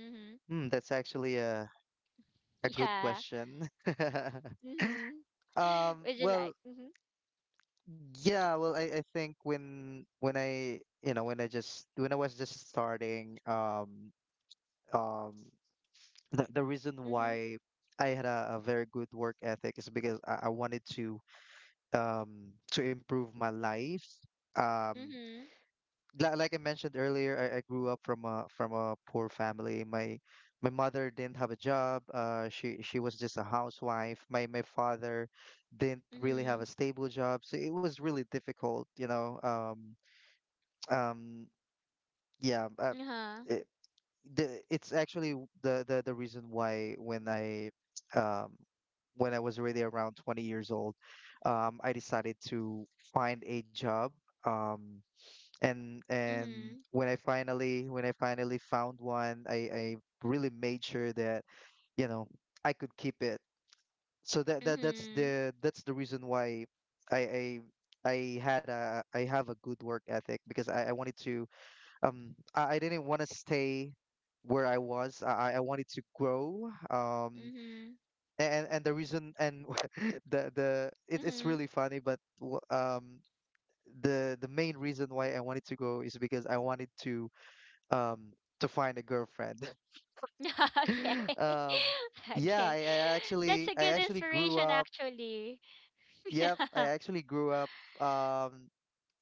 Speaker 1: Mm-hmm.
Speaker 2: that's actually a
Speaker 1: [LAUGHS]
Speaker 2: a good
Speaker 1: Yeah.
Speaker 2: question. [LAUGHS]
Speaker 1: Mm-hmm.
Speaker 2: Um,
Speaker 1: Would you
Speaker 2: well,
Speaker 1: like? Mm-hmm.
Speaker 2: well, I think when I just when I was just starting, um, the reason
Speaker 1: Mm-hmm.
Speaker 2: why I had a very good work ethic is because I wanted to improve my life. Um,
Speaker 1: Mm-hmm.
Speaker 2: like I mentioned earlier, I grew up from a poor family. My mother didn't have a job. She was just a housewife. My father didn't really have
Speaker 1: Mhm.
Speaker 2: a stable job, so it was really difficult, you know. Um, yeah.
Speaker 1: Uh-huh.
Speaker 2: The It's actually the reason why when I um was already around 20 years old, I decided to find a job. Um, and and
Speaker 1: Mhm.
Speaker 2: when I finally when I finally found one, I really made sure that you know I could keep it. So
Speaker 1: Mhm.
Speaker 2: that's the reason why I I had a I have a good work ethic, because I wanted to I didn't want to stay where I was. I wanted to grow. Um
Speaker 1: Mhm.
Speaker 2: and and the reason and [LAUGHS] it's
Speaker 1: Mhm.
Speaker 2: really funny, but w- the main reason why I wanted to grow is because I wanted um to find a girlfriend.
Speaker 1: [LAUGHS] Okay.
Speaker 2: [LAUGHS] um
Speaker 1: [LAUGHS]
Speaker 2: yeah, I,
Speaker 1: Okay.
Speaker 2: I
Speaker 1: That's
Speaker 2: actually
Speaker 1: a
Speaker 2: I
Speaker 1: good
Speaker 2: actually grew
Speaker 1: inspiration
Speaker 2: up.
Speaker 1: actually. [LAUGHS]
Speaker 2: Yep, I
Speaker 1: Yeah.
Speaker 2: actually grew up um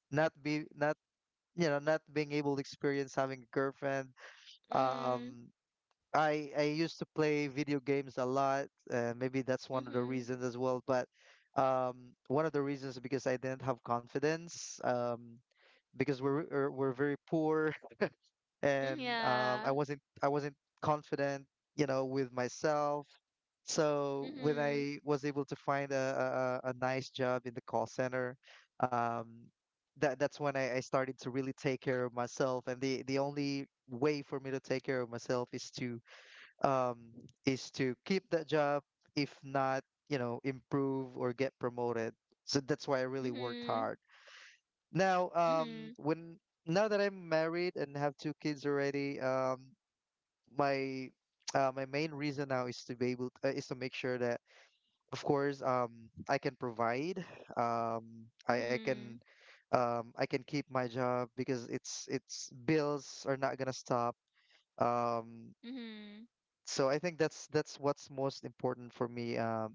Speaker 2: not be not you know not being able to experience having a girlfriend.
Speaker 1: Mhm.
Speaker 2: Um I I used to play video games a lot. Maybe that's one of the
Speaker 1: Mhm.
Speaker 2: reasons as well. But one of the reasons is because I didn't have confidence. Because we're we're very poor, [LAUGHS] and
Speaker 1: Mhm.
Speaker 2: um, I
Speaker 1: Yeah.
Speaker 2: wasn't I wasn't confident, you know, with myself. So when
Speaker 1: Mhm.
Speaker 2: I was able to find a a nice job in the call center, um, that's when I started to really take care of myself. And the only way for me to take care of myself um, is to keep that job. If not, you know, improve or get promoted. So that's why I really worked hard.
Speaker 1: Mhm.
Speaker 2: Now,
Speaker 1: Mhm.
Speaker 2: when now that I'm married and have two kids already, my my main reason now is to be able is to make sure that, of course, I can provide, I can
Speaker 1: Mhm.
Speaker 2: I can keep my job because it's bills are not gonna stop. Um,
Speaker 1: Mhm.
Speaker 2: so I think that's what's most important for me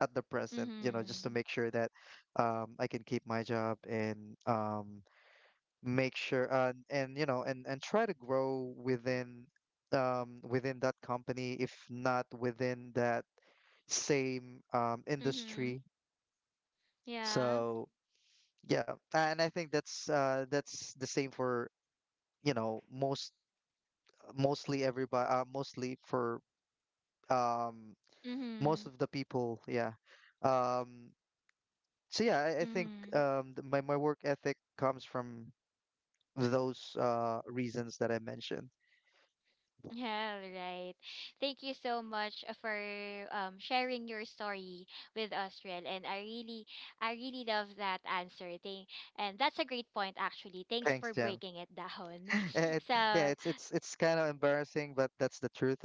Speaker 2: at the present, you know, just to
Speaker 1: Mhm.
Speaker 2: make sure that I can keep my job and make sure and you know and try to grow within within that company, if not within that same
Speaker 1: Mhm.
Speaker 2: industry.
Speaker 1: Yeah.
Speaker 2: So yeah, and I think that's the same for you know most mostly everybody mostly for. Um, most
Speaker 1: Mhm.
Speaker 2: of the people, yeah. Um so yeah i, I think
Speaker 1: Mhm.
Speaker 2: my, my work ethic comes from those reasons that I mentioned.
Speaker 1: All right, thank you so much for sharing your story with us, Riel. And I really love that answer. Thank and that's a great point actually. Thanks
Speaker 2: Thanks,
Speaker 1: for
Speaker 2: Jim.
Speaker 1: breaking it down.
Speaker 2: [LAUGHS] And
Speaker 1: [LAUGHS] So
Speaker 2: yeah, it's kind of embarrassing, but that's the truth.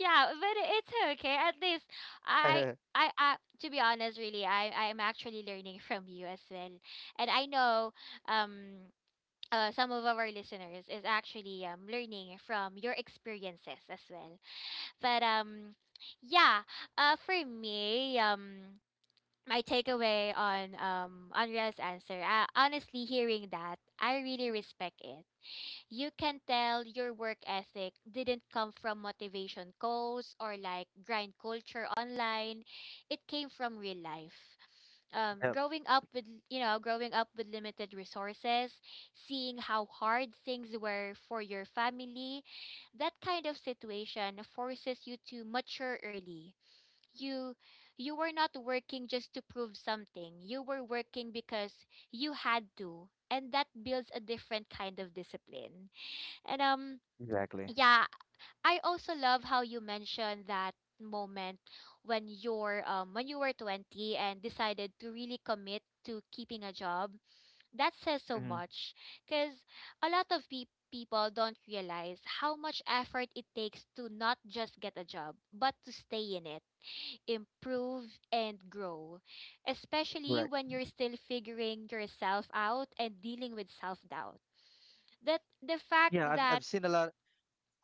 Speaker 1: yeah, but it's okay. At least I
Speaker 2: [LAUGHS]
Speaker 1: I to be honest, really, I'm actually learning [LAUGHS] from you as well. And I know, um some of our listeners is actually learning from your experiences as well. But yeah. For me, my takeaway on Andrea's answer. Honestly, hearing that, I really respect it. You can tell your work ethic didn't come from motivation codes or like grind culture online. It came from real life.
Speaker 2: Yep,
Speaker 1: Growing up with limited resources, seeing how hard things were for your family. That kind of situation forces you to mature early. You you were not working just to prove something. You were working because you had to, and that builds a different kind of discipline. And
Speaker 2: exactly.
Speaker 1: yeah, I also love how you mentioned that moment when you were 20 and decided to really commit to keeping a job. That says so
Speaker 2: Hmm.
Speaker 1: much, cuz a lot of people don't realize how much effort it takes to not just get a job, but to stay in it, improve and grow, especially
Speaker 2: Correct.
Speaker 1: when you're still figuring yourself out and dealing with self-doubt. That the fact
Speaker 2: Yeah, I've
Speaker 1: that.
Speaker 2: I've seen a lot.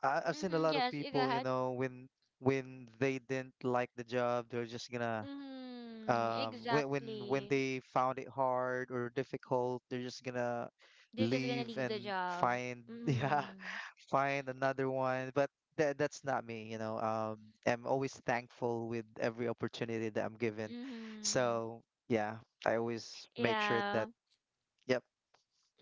Speaker 2: I've seen a
Speaker 1: Mhm,
Speaker 2: lot of
Speaker 1: yes, you go
Speaker 2: people, you
Speaker 1: ahead.
Speaker 2: know, when they didn't like the job, they're just gonna
Speaker 1: Mhm,
Speaker 2: when
Speaker 1: exactly.
Speaker 2: they found it hard or difficult, they're just gonna
Speaker 1: They're just gonna
Speaker 2: leave
Speaker 1: leave the
Speaker 2: and
Speaker 1: job.
Speaker 2: find [LAUGHS] yeah
Speaker 1: Mhm.
Speaker 2: find another one. But that that's not me, you know. I'm always thankful with every opportunity that I'm given.
Speaker 1: Mhm.
Speaker 2: So yeah, I always make sure that
Speaker 1: Yeah.
Speaker 2: yep.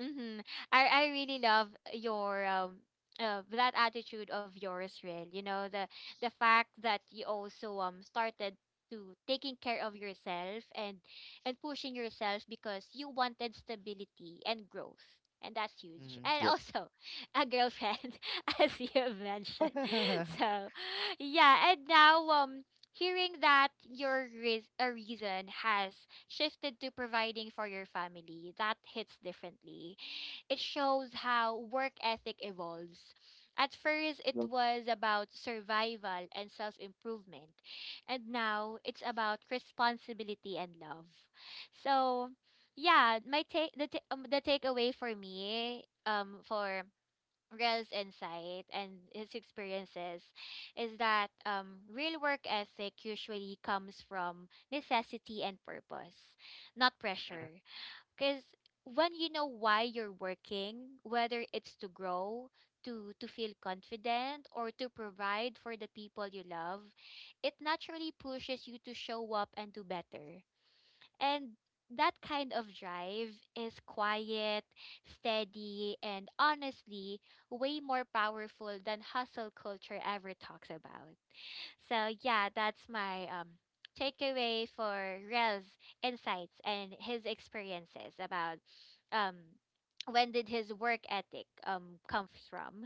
Speaker 1: Mm-hmm. I really love your that attitude of yours, Real. You know, the fact that you also started to taking care of yourself and pushing yourself because you wanted stability and growth. And that's huge.
Speaker 2: Mhm,
Speaker 1: And
Speaker 2: yep.
Speaker 1: also [LAUGHS] a girlfriend, [LAUGHS] as you have mentioned. [LAUGHS]
Speaker 2: [LAUGHS]
Speaker 1: So yeah, and now, hearing that your reason has shifted to providing for your family, that hits differently. It shows how work ethic evolves. At first, it
Speaker 2: Yep.
Speaker 1: was about survival and self improvement, and now it's about responsibility and love. So, yeah, my take the ta- the takeaway for me for Rel's insight and his experiences is that, real work ethic usually comes from necessity and purpose, not pressure.
Speaker 2: Mhm,
Speaker 1: Because when you know why you're working, whether it's to grow, to feel confident, or to provide for the people you love, it naturally pushes you to show up and do better. And that kind of drive is quiet, steady, and honestly, way more powerful than hustle culture ever talks about. So, yeah, that's my takeaway for Rel's insights and his experiences about, um, when did his work ethic come from.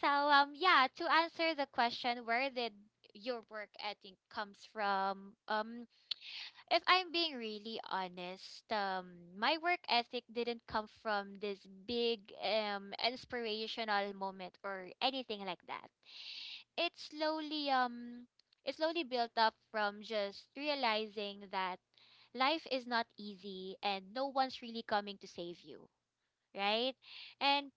Speaker 1: So, yeah, to answer the question, where did your work ethic comes from? If I'm being really honest, my work ethic didn't come from this big inspirational moment or anything like that. It slowly um it slowly built up from just realizing that life is not easy and no one's really coming to save you, right? And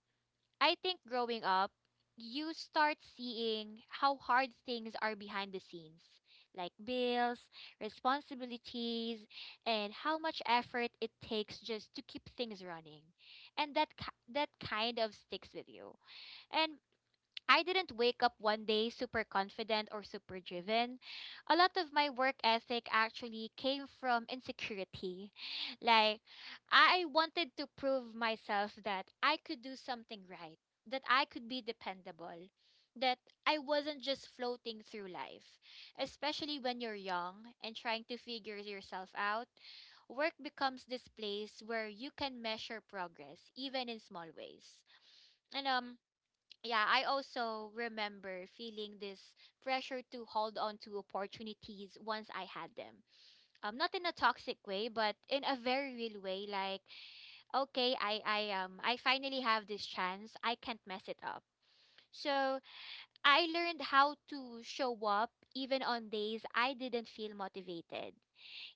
Speaker 1: I think growing up, you start seeing how hard things are behind the scenes, like bills, responsibilities, and how much effort it takes just to keep things running. And that kind of sticks with you. And I didn't wake up one day super confident or super driven. A lot of my work ethic actually came from insecurity. Like, I wanted to prove myself that I could do something right, that I could be dependable, that I wasn't just floating through life. Especially when you're young and trying to figure yourself out, work becomes this place where you can measure progress, even in small ways. And yeah, I also remember feeling this pressure to hold on to opportunities once I had them. Not in a toxic way, but in a very real way. Like, okay, I finally have this chance. I can't mess it up. So I learned how to show up even on days I didn't feel motivated.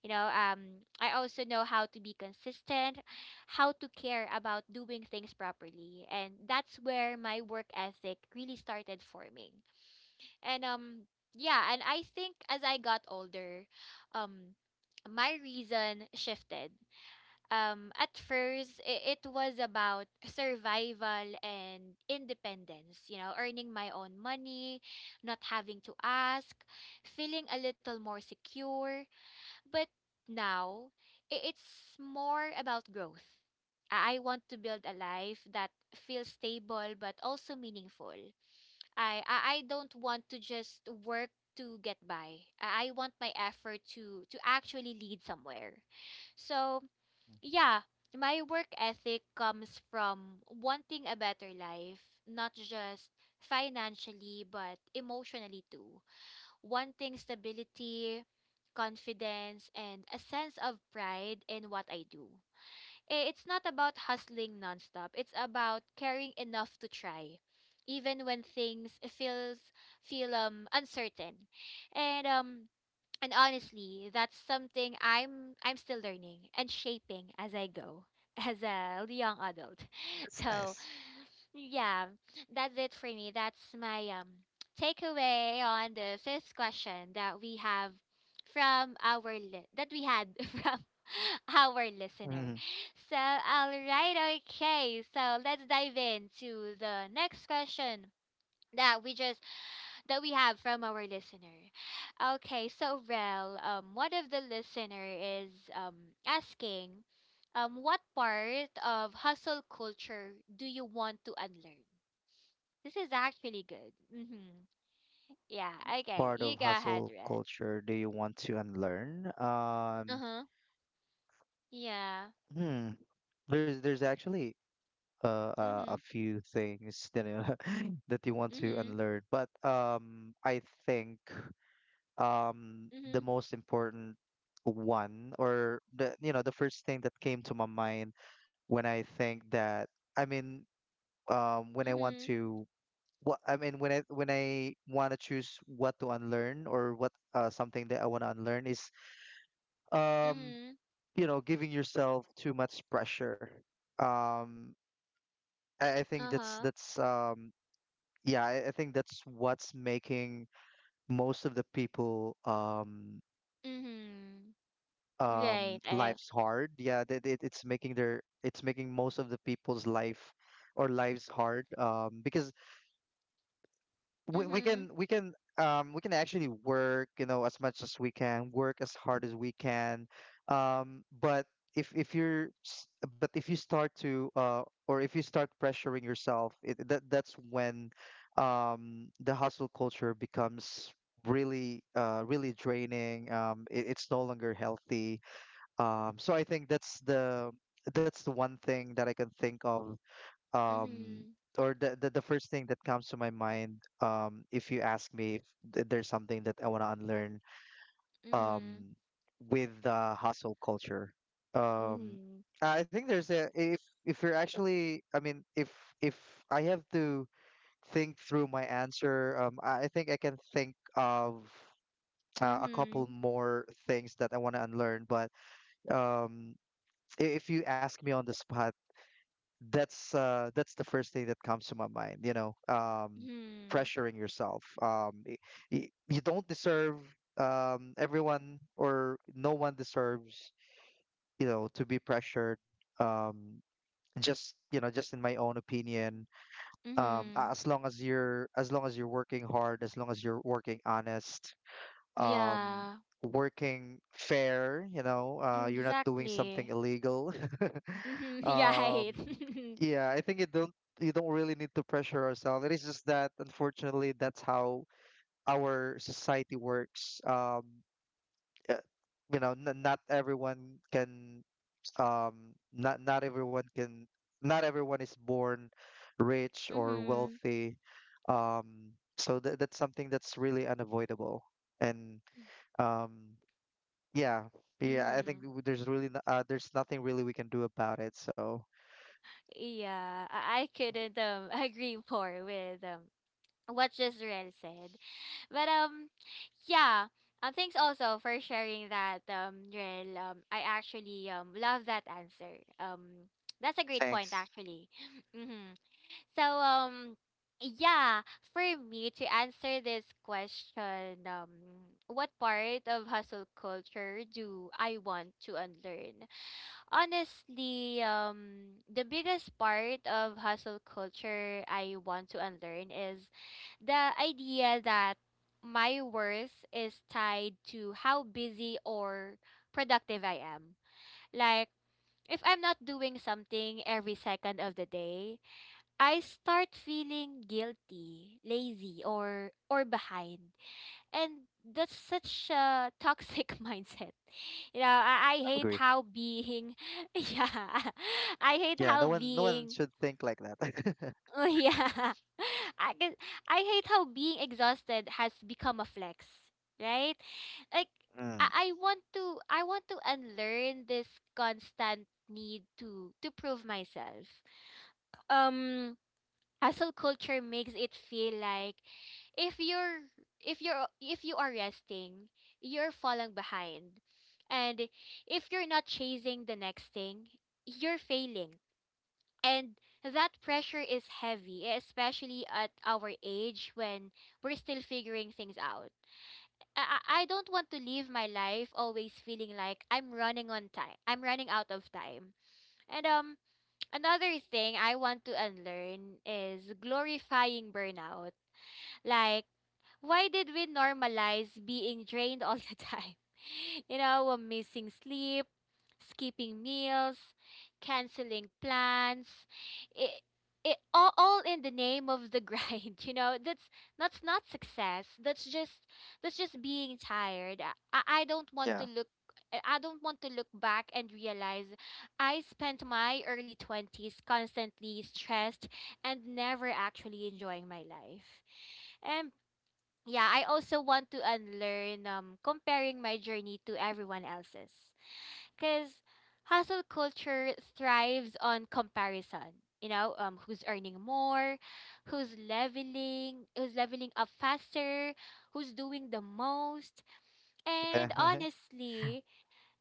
Speaker 1: You know, I also know how to be consistent, how to care about doing things properly, and that's where my work ethic really started forming. And yeah, and I think as I got older, um, my reason shifted. At first, it was about survival and independence, you know, earning my own money, not having to ask, feeling a little more secure. But now, it's more about growth. I want to build a life that feels stable but also meaningful. I don't want to just work to get by. I want my effort to actually lead somewhere. So, yeah, my work ethic comes from wanting a better life, not just financially but emotionally too, wanting stability, confidence, and a sense of pride in what I do. It's not about hustling nonstop. It's about caring enough to try, even when things feel uncertain. And um and honestly, that's something I'm still learning and shaping as I go [LAUGHS] as a young adult.
Speaker 2: that's
Speaker 1: [LAUGHS] So
Speaker 2: nice.
Speaker 1: yeah, that's it for me. That's my takeaway on the fifth question that we have from that we had [LAUGHS] from our listener.
Speaker 2: Mhm.
Speaker 1: So, all right, okay. So, let's dive into the next question that we just that we have from our listener. Okay, so Rel, one of the listener is asking what part of hustle culture do you want to unlearn? This is actually good. Mm-hmm. Yeah. Okay.
Speaker 2: Part of
Speaker 1: You go ahead,
Speaker 2: hustle
Speaker 1: Red.
Speaker 2: culture do you want to unlearn?
Speaker 1: Uh huh. Yeah.
Speaker 2: Hmm there's actually a
Speaker 1: Mm-hmm.
Speaker 2: few things that you know, [LAUGHS] that you want to
Speaker 1: Mm-hmm.
Speaker 2: unlearn. But I think
Speaker 1: Mm-hmm.
Speaker 2: the most important one, or the you know the first thing that came to my mind when I think that I mean when I want
Speaker 1: Mm-hmm.
Speaker 2: to what I mean when I want to choose what to unlearn, or what something that I want to unlearn, is um,
Speaker 1: Mm-hmm.
Speaker 2: you know giving yourself too much pressure. Um, I think that's
Speaker 1: Uh-huh.
Speaker 2: yeah, I think that's what's making most of the people
Speaker 1: Hmm. Right. I.
Speaker 2: lives hard. Yeah, that it, it's making their it's making most of the people's life or lives hard. Because we, we
Speaker 1: Mm-hmm.
Speaker 2: can we can we can actually work, you know, as much as we can, work as hard as we can. But if but if you start to or if you start pressuring yourself, it, that that's when the hustle culture becomes really really draining. It's no longer healthy. So I think that's the one thing that I can think of, um
Speaker 1: Mm-hmm.
Speaker 2: or the first thing that comes to my mind if you ask me if there's something that I want to unlearn um
Speaker 1: Mm-hmm.
Speaker 2: with the hustle culture. Um
Speaker 1: Mm-hmm.
Speaker 2: I think there's a if you're actually I mean If I have to think through my answer, I think I can think of a couple
Speaker 1: Mm-hmm.
Speaker 2: more things that I want to unlearn. But um if you ask me on the spot, that's the first thing that comes to my mind, you know.
Speaker 1: Mm-hmm.
Speaker 2: Pressuring yourself. You don't deserve everyone or no one deserves you know to be pressured. um just you know just in my own opinion,
Speaker 1: Hmm.
Speaker 2: as long as you're working hard, as long as you're working honest, um
Speaker 1: Yeah.
Speaker 2: working fair, you know,
Speaker 1: Mm,
Speaker 2: you're not doing something
Speaker 1: exactly.
Speaker 2: illegal,
Speaker 1: Mm-hmm. [LAUGHS] Yeah.
Speaker 2: um
Speaker 1: Right. [LAUGHS]
Speaker 2: yeah, I think you don't really need to pressure yourself. It is just that, unfortunately, that's how our society works. Uh, you know, not everyone can not everyone can not everyone is born rich or
Speaker 1: Mm-hmm.
Speaker 2: wealthy. um so tha that's something that's really unavoidable. And um yeah yeah, I think
Speaker 1: Mm-hmm.
Speaker 2: there's really there's nothing really we can do about it. So
Speaker 1: Yeah, I couldn't [LAUGHS] agree more with what Jezreel said. But yeah, thanks also for sharing that, Rel. I actually love that answer. That's a great point
Speaker 2: thanks.
Speaker 1: actually. [SNIFFS] [LAUGHS] Mm-hmm. So yeah, for me to answer this question, what part of hustle culture do I want to unlearn? Honestly, the biggest part of hustle culture I want to unlearn is the idea that my worth is tied to how busy or productive I am. Like, if I'm not doing something every second of the day, I start feeling guilty, lazy, or behind. And that's such a toxic [LAUGHS] mindset, you know. I
Speaker 2: I
Speaker 1: hate
Speaker 2: agree.
Speaker 1: how being. [LAUGHS] Yeah. [LAUGHS] I hate
Speaker 2: Yeah, no
Speaker 1: how
Speaker 2: one no one
Speaker 1: being.
Speaker 2: should think like that. [LAUGHS]
Speaker 1: [LAUGHS] Yeah, I, can- I hate how being exhausted has become a flex, right, like. I,
Speaker 2: Mm.
Speaker 1: I want to i want to unlearn this constant need to prove myself. um Hustle culture makes it feel like if you're if you are resting, you're falling behind. And if you're not chasing the next thing, you're failing. And that pressure is heavy, especially at our age when we're still figuring things out. I don't want to live my life always feeling like I'm running on time. I'm running out of time. And another thing I want to unlearn is glorifying burnout. Like, why did we normalize being drained all the time? [LAUGHS] You know, we're missing sleep, skipping meals, canceling plans. It, it all in the name of the grind, [LAUGHS] you know. That's not success. That's just being tired. I don't want to
Speaker 2: Yeah,
Speaker 1: look. I don't want to look back and realize I spent my early 20s constantly stressed and never actually enjoying my life. And yeah, I also want to unlearn, comparing my journey to everyone else's. Because hustle culture thrives on comparison. You know, who's earning more, who's leveling up faster, who's doing the most. And
Speaker 2: yeah, [LAUGHS]
Speaker 1: honestly,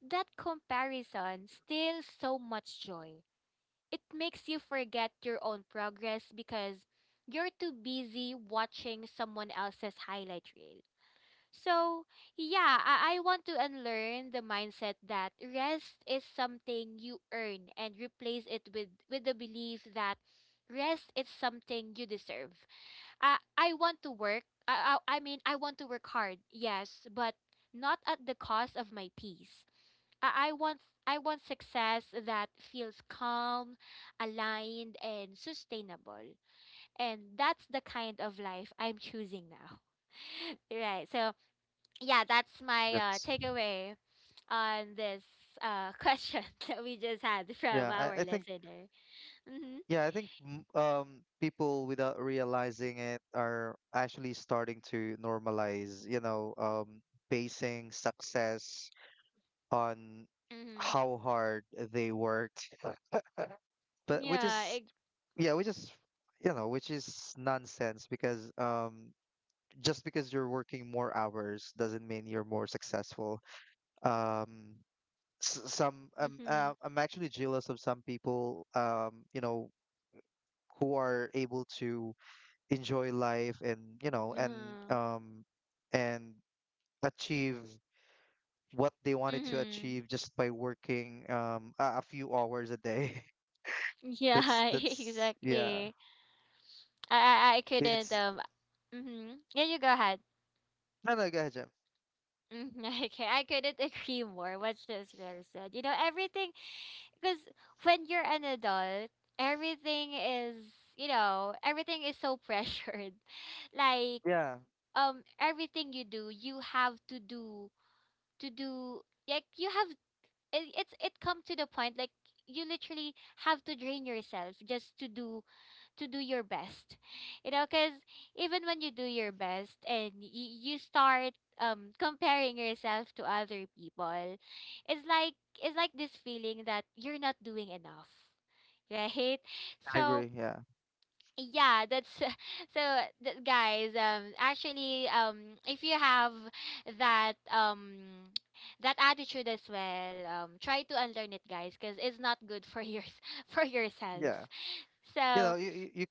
Speaker 1: that comparison steals so much joy. It makes you forget your own progress because you're too busy watching someone else's highlight reel. So, yeah, I want to unlearn the mindset that rest is something you earn and replace it with the belief that rest is something you deserve. I want to work. I mean, I want to work hard, yes, but not at the cost of my peace. I, I want I want success that feels calm, aligned, and sustainable. And that's the kind of life I'm choosing now. [LAUGHS] Right. So yeah, that's my
Speaker 2: that's
Speaker 1: takeaway on this [LAUGHS] question that we just had from
Speaker 2: yeah.
Speaker 1: our
Speaker 2: I think
Speaker 1: listener. Mm-hmm.
Speaker 2: yeah, I think people without realizing it are actually starting to normalize, you know, basing success on
Speaker 1: Mm-hmm.
Speaker 2: how hard they worked, but which
Speaker 1: Yeah.
Speaker 2: is yeah, which is you know, which is nonsense. Because just because you're working more hours doesn't mean you're more successful. Um, some
Speaker 1: Mm-hmm.
Speaker 2: I'm actually jealous of some people, you know, who are able to enjoy life and you know and
Speaker 1: Mm-hmm.
Speaker 2: and achieve what they wanted to
Speaker 1: Mm-hmm.
Speaker 2: achieve just by working a few hours a day. [LAUGHS]
Speaker 1: Yeah.
Speaker 2: That's
Speaker 1: [LAUGHS]
Speaker 2: yeah.
Speaker 1: Exactly. I couldn't
Speaker 2: It's
Speaker 1: um. Mm-hmm. Yeah, you go ahead.
Speaker 2: no no go ahead, Jim.
Speaker 1: Mhm. [LAUGHS] Okay, I couldn't [LAUGHS] agree more. What Rosemary said. Everything because when you're an adult, everything is everything is so pressured, [LAUGHS] like
Speaker 2: Yeah,
Speaker 1: everything you do you have to do to do like you have it, it's it come to the point like you literally have to drain yourself just to do your best because even when you do your best and you start comparing yourself to other people it's like it's like this feeling that you're not doing enough, [LAUGHS] right?
Speaker 2: I
Speaker 1: So
Speaker 2: agree. Yeah,
Speaker 1: yeah, that's [LAUGHS] so guys, actually if you have that [TSK] that attitude as well, try to unlearn it guys cuz it's not good for your [LAUGHS] for yourselves.
Speaker 2: yeah. You
Speaker 1: So,
Speaker 2: know you you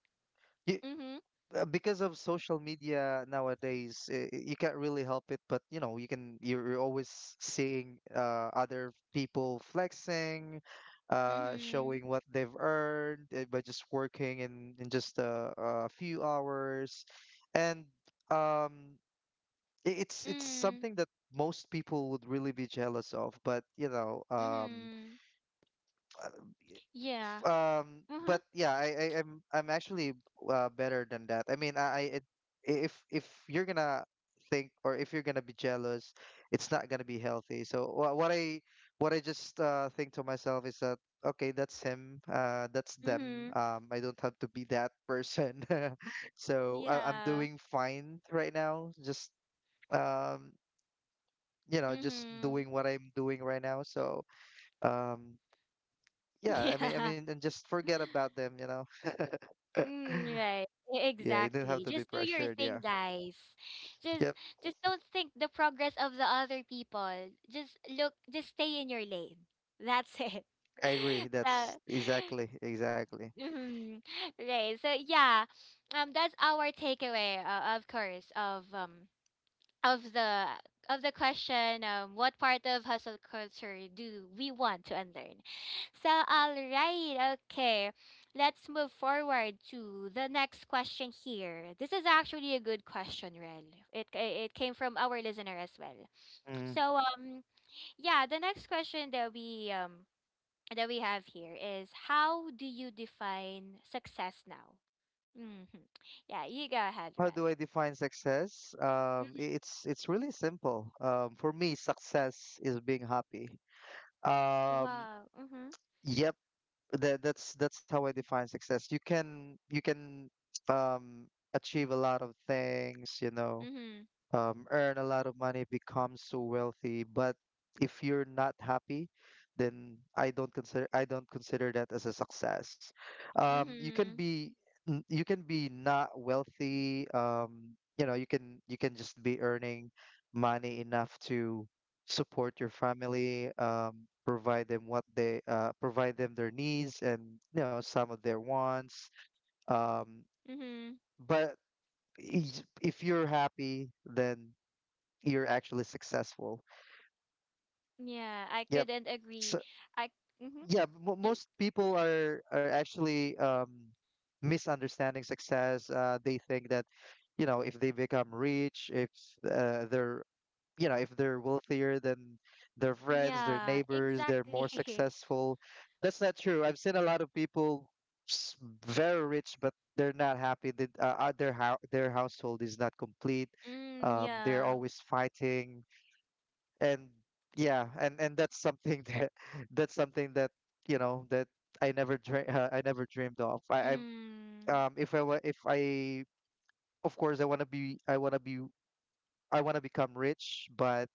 Speaker 2: you
Speaker 1: mhm,
Speaker 2: because of social media nowadays, you can't really help it. But you know, you can you're always seeing other people flexing,
Speaker 1: mhm,
Speaker 2: showing what they've earned by just working in just a few hours. And um, it's
Speaker 1: mhm,
Speaker 2: something that most people would really be jealous of. But you know,
Speaker 1: mhm, yeah. Mhm,
Speaker 2: but yeah, I'm actually better than that. I mean, if you're gonna think, or if you're gonna be jealous, it's not gonna be healthy. So wha- what I just think to myself is that okay, that's him, that's them.
Speaker 1: mhm,
Speaker 2: I don't have to be that person. [LAUGHS] So I, I'm
Speaker 1: yeah.
Speaker 2: doing fine right now, just um you know just
Speaker 1: Mhm,
Speaker 2: doing what I'm doing right now. So um
Speaker 1: [LAUGHS]
Speaker 2: yeah, I
Speaker 1: yeah.
Speaker 2: mean and just forget about them, you know.
Speaker 1: Mm, right.
Speaker 2: Yeah, you didn't have
Speaker 1: Exactly.
Speaker 2: to be
Speaker 1: Just do your
Speaker 2: pressured.
Speaker 1: thing,
Speaker 2: Yeah.
Speaker 1: guys. Just
Speaker 2: Yep.
Speaker 1: just don't think the progress of the other people. Just look, just stay in your lane. That's it. [LAUGHS]
Speaker 2: I agree.
Speaker 1: So,
Speaker 2: That's
Speaker 1: [LAUGHS]
Speaker 2: exactly, exactly.
Speaker 1: mm, right. So yeah, that's our takeaway, of course, of the of the question, what part of hustle culture do we want to unlearn? So all right, okay, let's move forward to the next question here. This is actually a good question, rel. It came from our listener as well.
Speaker 2: Mm.
Speaker 1: So yeah, the next question that we have here is, how do you define success now? Hmm, yeah, you go ahead,
Speaker 2: How
Speaker 1: rel.
Speaker 2: do I define success? It's it's really simple. For me, success is being happy. Um,
Speaker 1: Wow, mm-hmm.
Speaker 2: yep. That that's how I define success. You can um achieve a lot of things, you know.
Speaker 1: Mm-hmm.
Speaker 2: Um, earn a lot of money, become so wealthy. But if you're not happy, then I don't consider that as a success. You can
Speaker 1: Mm-hmm.
Speaker 2: be you can be not wealthy. You know, you can just be earning money enough to support your family, provide them what they provide them their needs and you know some of their wants. Um,
Speaker 1: Mm-hmm.
Speaker 2: but if you're happy, then you're actually successful.
Speaker 1: Yeah, I
Speaker 2: Yep.
Speaker 1: couldn't agree.
Speaker 2: So
Speaker 1: I mm-hmm.
Speaker 2: yeah, mo
Speaker 1: It,
Speaker 2: most people are actually misunderstanding success. They think that, you know, if they become rich, if they're you know if they're wealthier than their friends, their
Speaker 1: yeah,
Speaker 2: neighbors, they're
Speaker 1: exactly.
Speaker 2: more
Speaker 1: [LAUGHS]
Speaker 2: successful. That's not true. I've seen a lot of people s- very rich, but they're not happy. Their household is not complete.
Speaker 1: Mm,
Speaker 2: They're
Speaker 1: yeah.
Speaker 2: always fighting. And yeah, and that's something that [LAUGHS] that's something that you know that I never dream [LAUGHS] I never dreamed of. I I'm
Speaker 1: Mm.
Speaker 2: if I wa- if I Of course, I want to be I want to be I want to become rich, but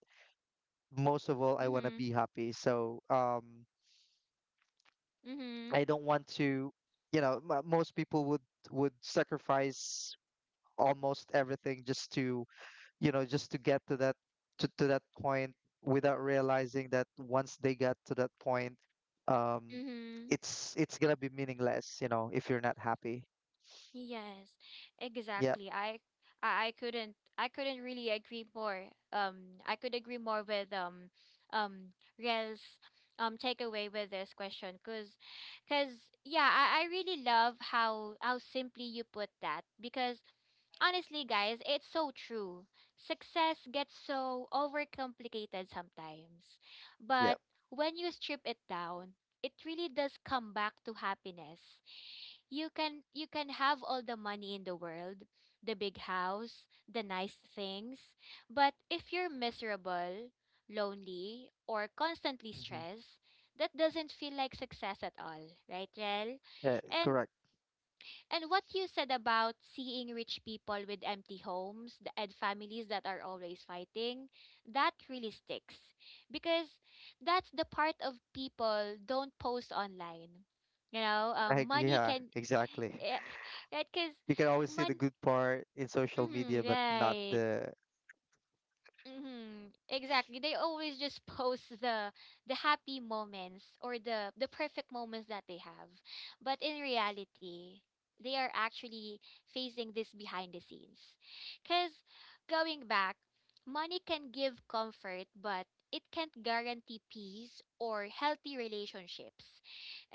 Speaker 2: most of all, I want to
Speaker 1: Mm-hmm.
Speaker 2: be happy. So
Speaker 1: Mm-hmm.
Speaker 2: I don't want to you know most people would sacrifice almost everything just to you know just to get to that to that point, without realizing that once they got to that point, um
Speaker 1: Mm-hmm.
Speaker 2: it's gonna be meaningless, you know, if you're not happy.
Speaker 1: Yes,
Speaker 2: Yep.
Speaker 1: exactly. I couldn't I couldn't really agree more. I could agree more with um Rel's takeaway with this question, cause, cause yeah, I really love how simply you put that, because honestly, guys, it's so true. Success gets so overcomplicated sometimes.
Speaker 2: Yep.
Speaker 1: But when you strip it down, it really does come back to happiness. You can have all the money in the world, the big house, the nice things, but if you're miserable, lonely, or constantly
Speaker 2: Hmm.
Speaker 1: stressed, that doesn't feel like success at all, right, Rel?
Speaker 2: Yeah,
Speaker 1: And
Speaker 2: correct.
Speaker 1: and what you said about seeing rich people with empty homes and families that are always fighting, that really sticks. Because that's the part of people don't post online. You know,
Speaker 2: I agree,
Speaker 1: money
Speaker 2: yeah,
Speaker 1: can,
Speaker 2: exactly.
Speaker 1: eh, right? Because
Speaker 2: [LAUGHS] You can always see the good part in social media,
Speaker 1: money,
Speaker 2: but not
Speaker 1: right.
Speaker 2: the
Speaker 1: Mm-hmm. Exactly. They always just post the happy moments or the perfect moments that they have. But in reality, they are actually facing this behind the scenes. Cuz going back, money can give comfort, but it can't guarantee peace or healthy relationships.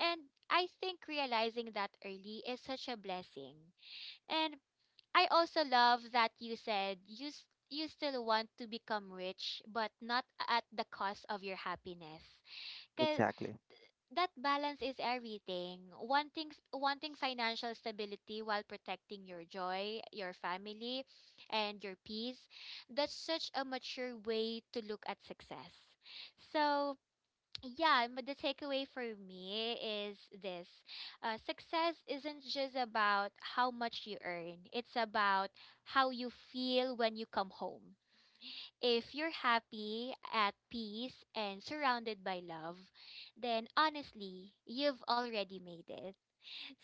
Speaker 1: And I think realizing that early is such a blessing. And I also love that you said you still want to become rich, but not at the cost of your happiness. Cause
Speaker 2: exactly
Speaker 1: that balance is everything. Wanting financial stability while protecting your joy, your family, and your peace. That's such a mature way to look at success. So yeah, but the takeaway for me is this. Success isn't just about how much you earn, it's about how you feel when you come home. If you're happy, at peace, and surrounded by love, then honestly, you've already made it.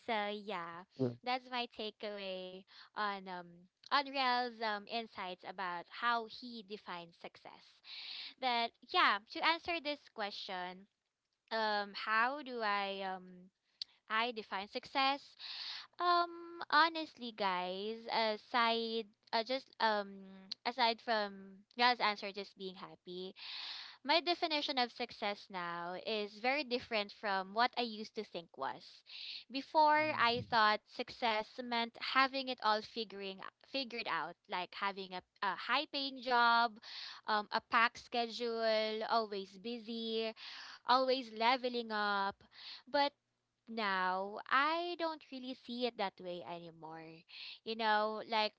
Speaker 1: So, yeah,
Speaker 2: yeah.
Speaker 1: that's my takeaway on um on Rel's insights about how he defines success. But yeah, to answer this question, how do I define success, honestly guys, aside, just [TSK] aside from Ra's answer just being happy, my definition of success now is very different from what I used to think was. Before
Speaker 2: Mhm.
Speaker 1: I thought success meant having it all, figuring figured out, like having a high paying job, a packed schedule, always busy, always leveling up. But now I don't really see it that way anymore. You know,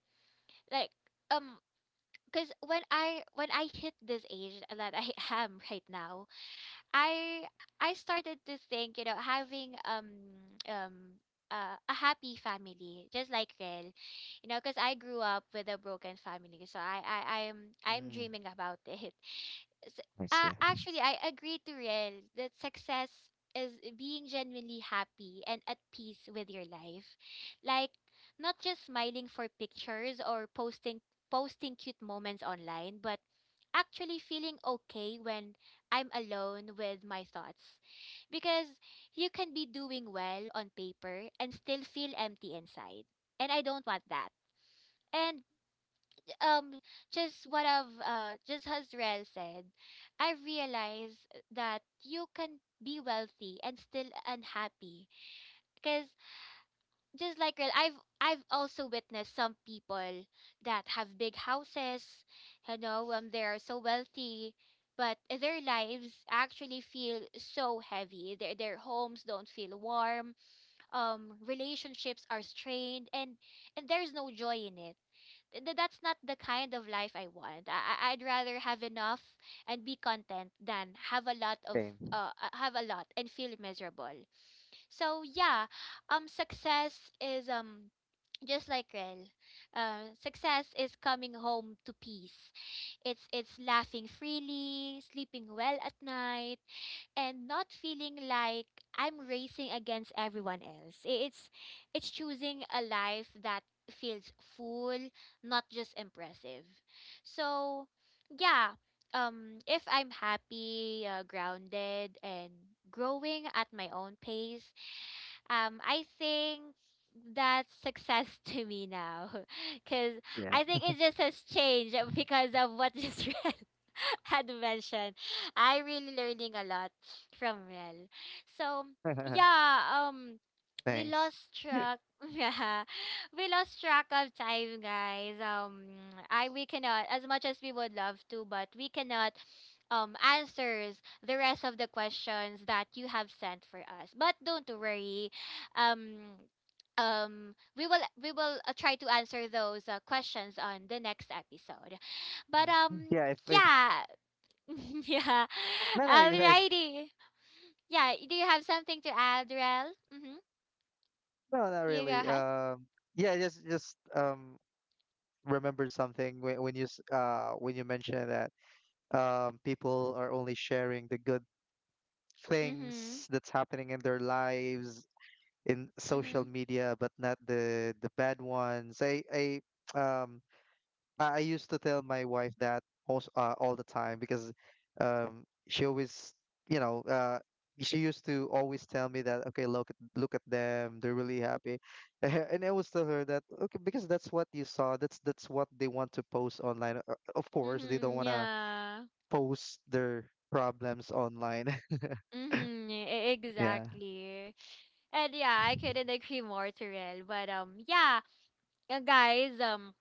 Speaker 1: like um because when I hit this age that I [LAUGHS] am right now, I I started to think, you know, having um a happy family, just like Rel, you know, because I grew up with a broken family, so I'm
Speaker 2: Mm,
Speaker 1: dreaming about [LAUGHS] it. S-
Speaker 2: I see.
Speaker 1: Actually, I agree to Rel that success is being genuinely happy and at peace with your life. Like, not just smiling for pictures or posting posting cute moments online, but actually feeling okay when I'm alone with my thoughts. Because you can be doing well on paper and still feel empty inside. And I don't want that. And um just what I've, uh, just as Rel said, I realize that you can be wealthy and still unhappy. Cause just like Rel, I've also witnessed some people that have big houses, you know, they are so wealthy but their lives actually feel so heavy. Their homes don't feel warm. Um, relationships are strained and there's no joy in it. That's not the kind of life I want. I'd rather have enough and be content than have a lot of
Speaker 2: Same.
Speaker 1: have a lot and feel miserable. So yeah, success is, um, just like Rel, success is coming home to peace. It's laughing freely, sleeping well at night, and not feeling like I'm racing against everyone else. It's choosing a life that feels full, not just impressive. So, yeah, if I'm happy, grounded and growing at my own pace, I think that's success [LAUGHS] to me now [LAUGHS] because
Speaker 2: Yeah.
Speaker 1: I think it just has changed, [LAUGHS] because of what just [LAUGHS] read. Had mentioned, I really learning a lot from Mel. So
Speaker 2: [LAUGHS]
Speaker 1: yeah, we
Speaker 2: Thanks.
Speaker 1: lost
Speaker 2: Yeah.
Speaker 1: track, [LAUGHS] yeah, we lost track of time guys. I we cannot, as much as we would love to, but we cannot answers the rest of the questions that you have sent for us. But don't worry, um we will try to answer those questions on the next episode, but um,
Speaker 2: Mm. Yeah, if
Speaker 1: yeah. [LAUGHS] Yeah,
Speaker 2: no no you had.
Speaker 1: alrighty. Yeah, do you have something to add, rel? Mm-hmm.
Speaker 2: No, not
Speaker 1: You go
Speaker 2: really.
Speaker 1: ahead.
Speaker 2: Yeah, I just remember something when when you mentioned that people are only sharing the good
Speaker 1: Mm-hmm.
Speaker 2: things that's happening in their lives in social
Speaker 1: Mm-hmm.
Speaker 2: media, but not the the bad ones. I [TSK] um I used to tell my wife that also all the time. Because she always, you know, she used to always tell me that, okay, look at them, they're really happy, [LAUGHS] and I always tell her that, okay, because that's what you saw, that's what they want to post online. Of course, they don't
Speaker 1: Mm-hmm.
Speaker 2: want to
Speaker 1: Yeah.
Speaker 2: post their problems online. [LAUGHS]
Speaker 1: Mm-hmm.
Speaker 2: Yeah.
Speaker 1: Exactly. And yeah, I couldn't agree more to rel, but yeah, guys,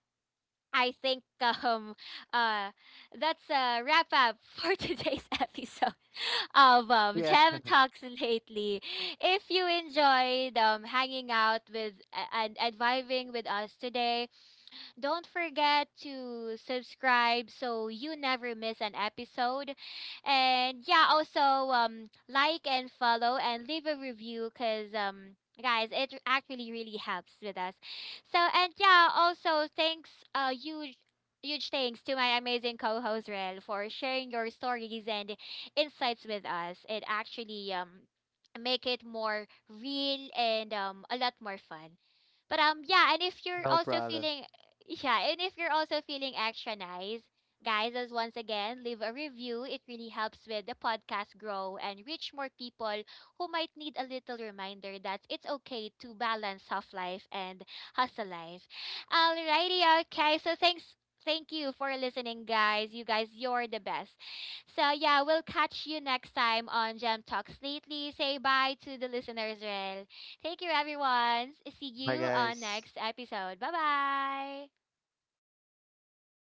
Speaker 1: I think uh that's a wrap up for [LAUGHS] today's episode of
Speaker 2: Yeah.
Speaker 1: Gem
Speaker 2: [LAUGHS]
Speaker 1: Talks lately. If you enjoyed hanging out with and vibing with us today, don't forget to subscribe so you never miss an episode. And yeah, also um, like and follow and leave a review cuz guys, it actually really helps with us. So, and yeah, also thanks, uh, huge huge thanks to my amazing co-host Rel for sharing your stories and insights with us. It actually make it more real and a lot more fun. But um, yeah, and if you're
Speaker 2: No
Speaker 1: also
Speaker 2: problem.
Speaker 1: feeling, yeah, and if you're also feeling extra nice, guys, as once again, leave a review. It really helps with the podcast grow and reach more people who might need a little reminder that it's okay to balance soft life and hustle life. Alrighty, okay. So thanks. Thank you for listening, guys. You guys, you're the best. So, yeah, we'll catch you next time on Gem Talks Lately. Say bye to the listeners, Rel. Thank you, everyone. See
Speaker 2: Bye,
Speaker 1: you on
Speaker 2: guys.
Speaker 1: next episode. Bye bye.
Speaker 2: Bye.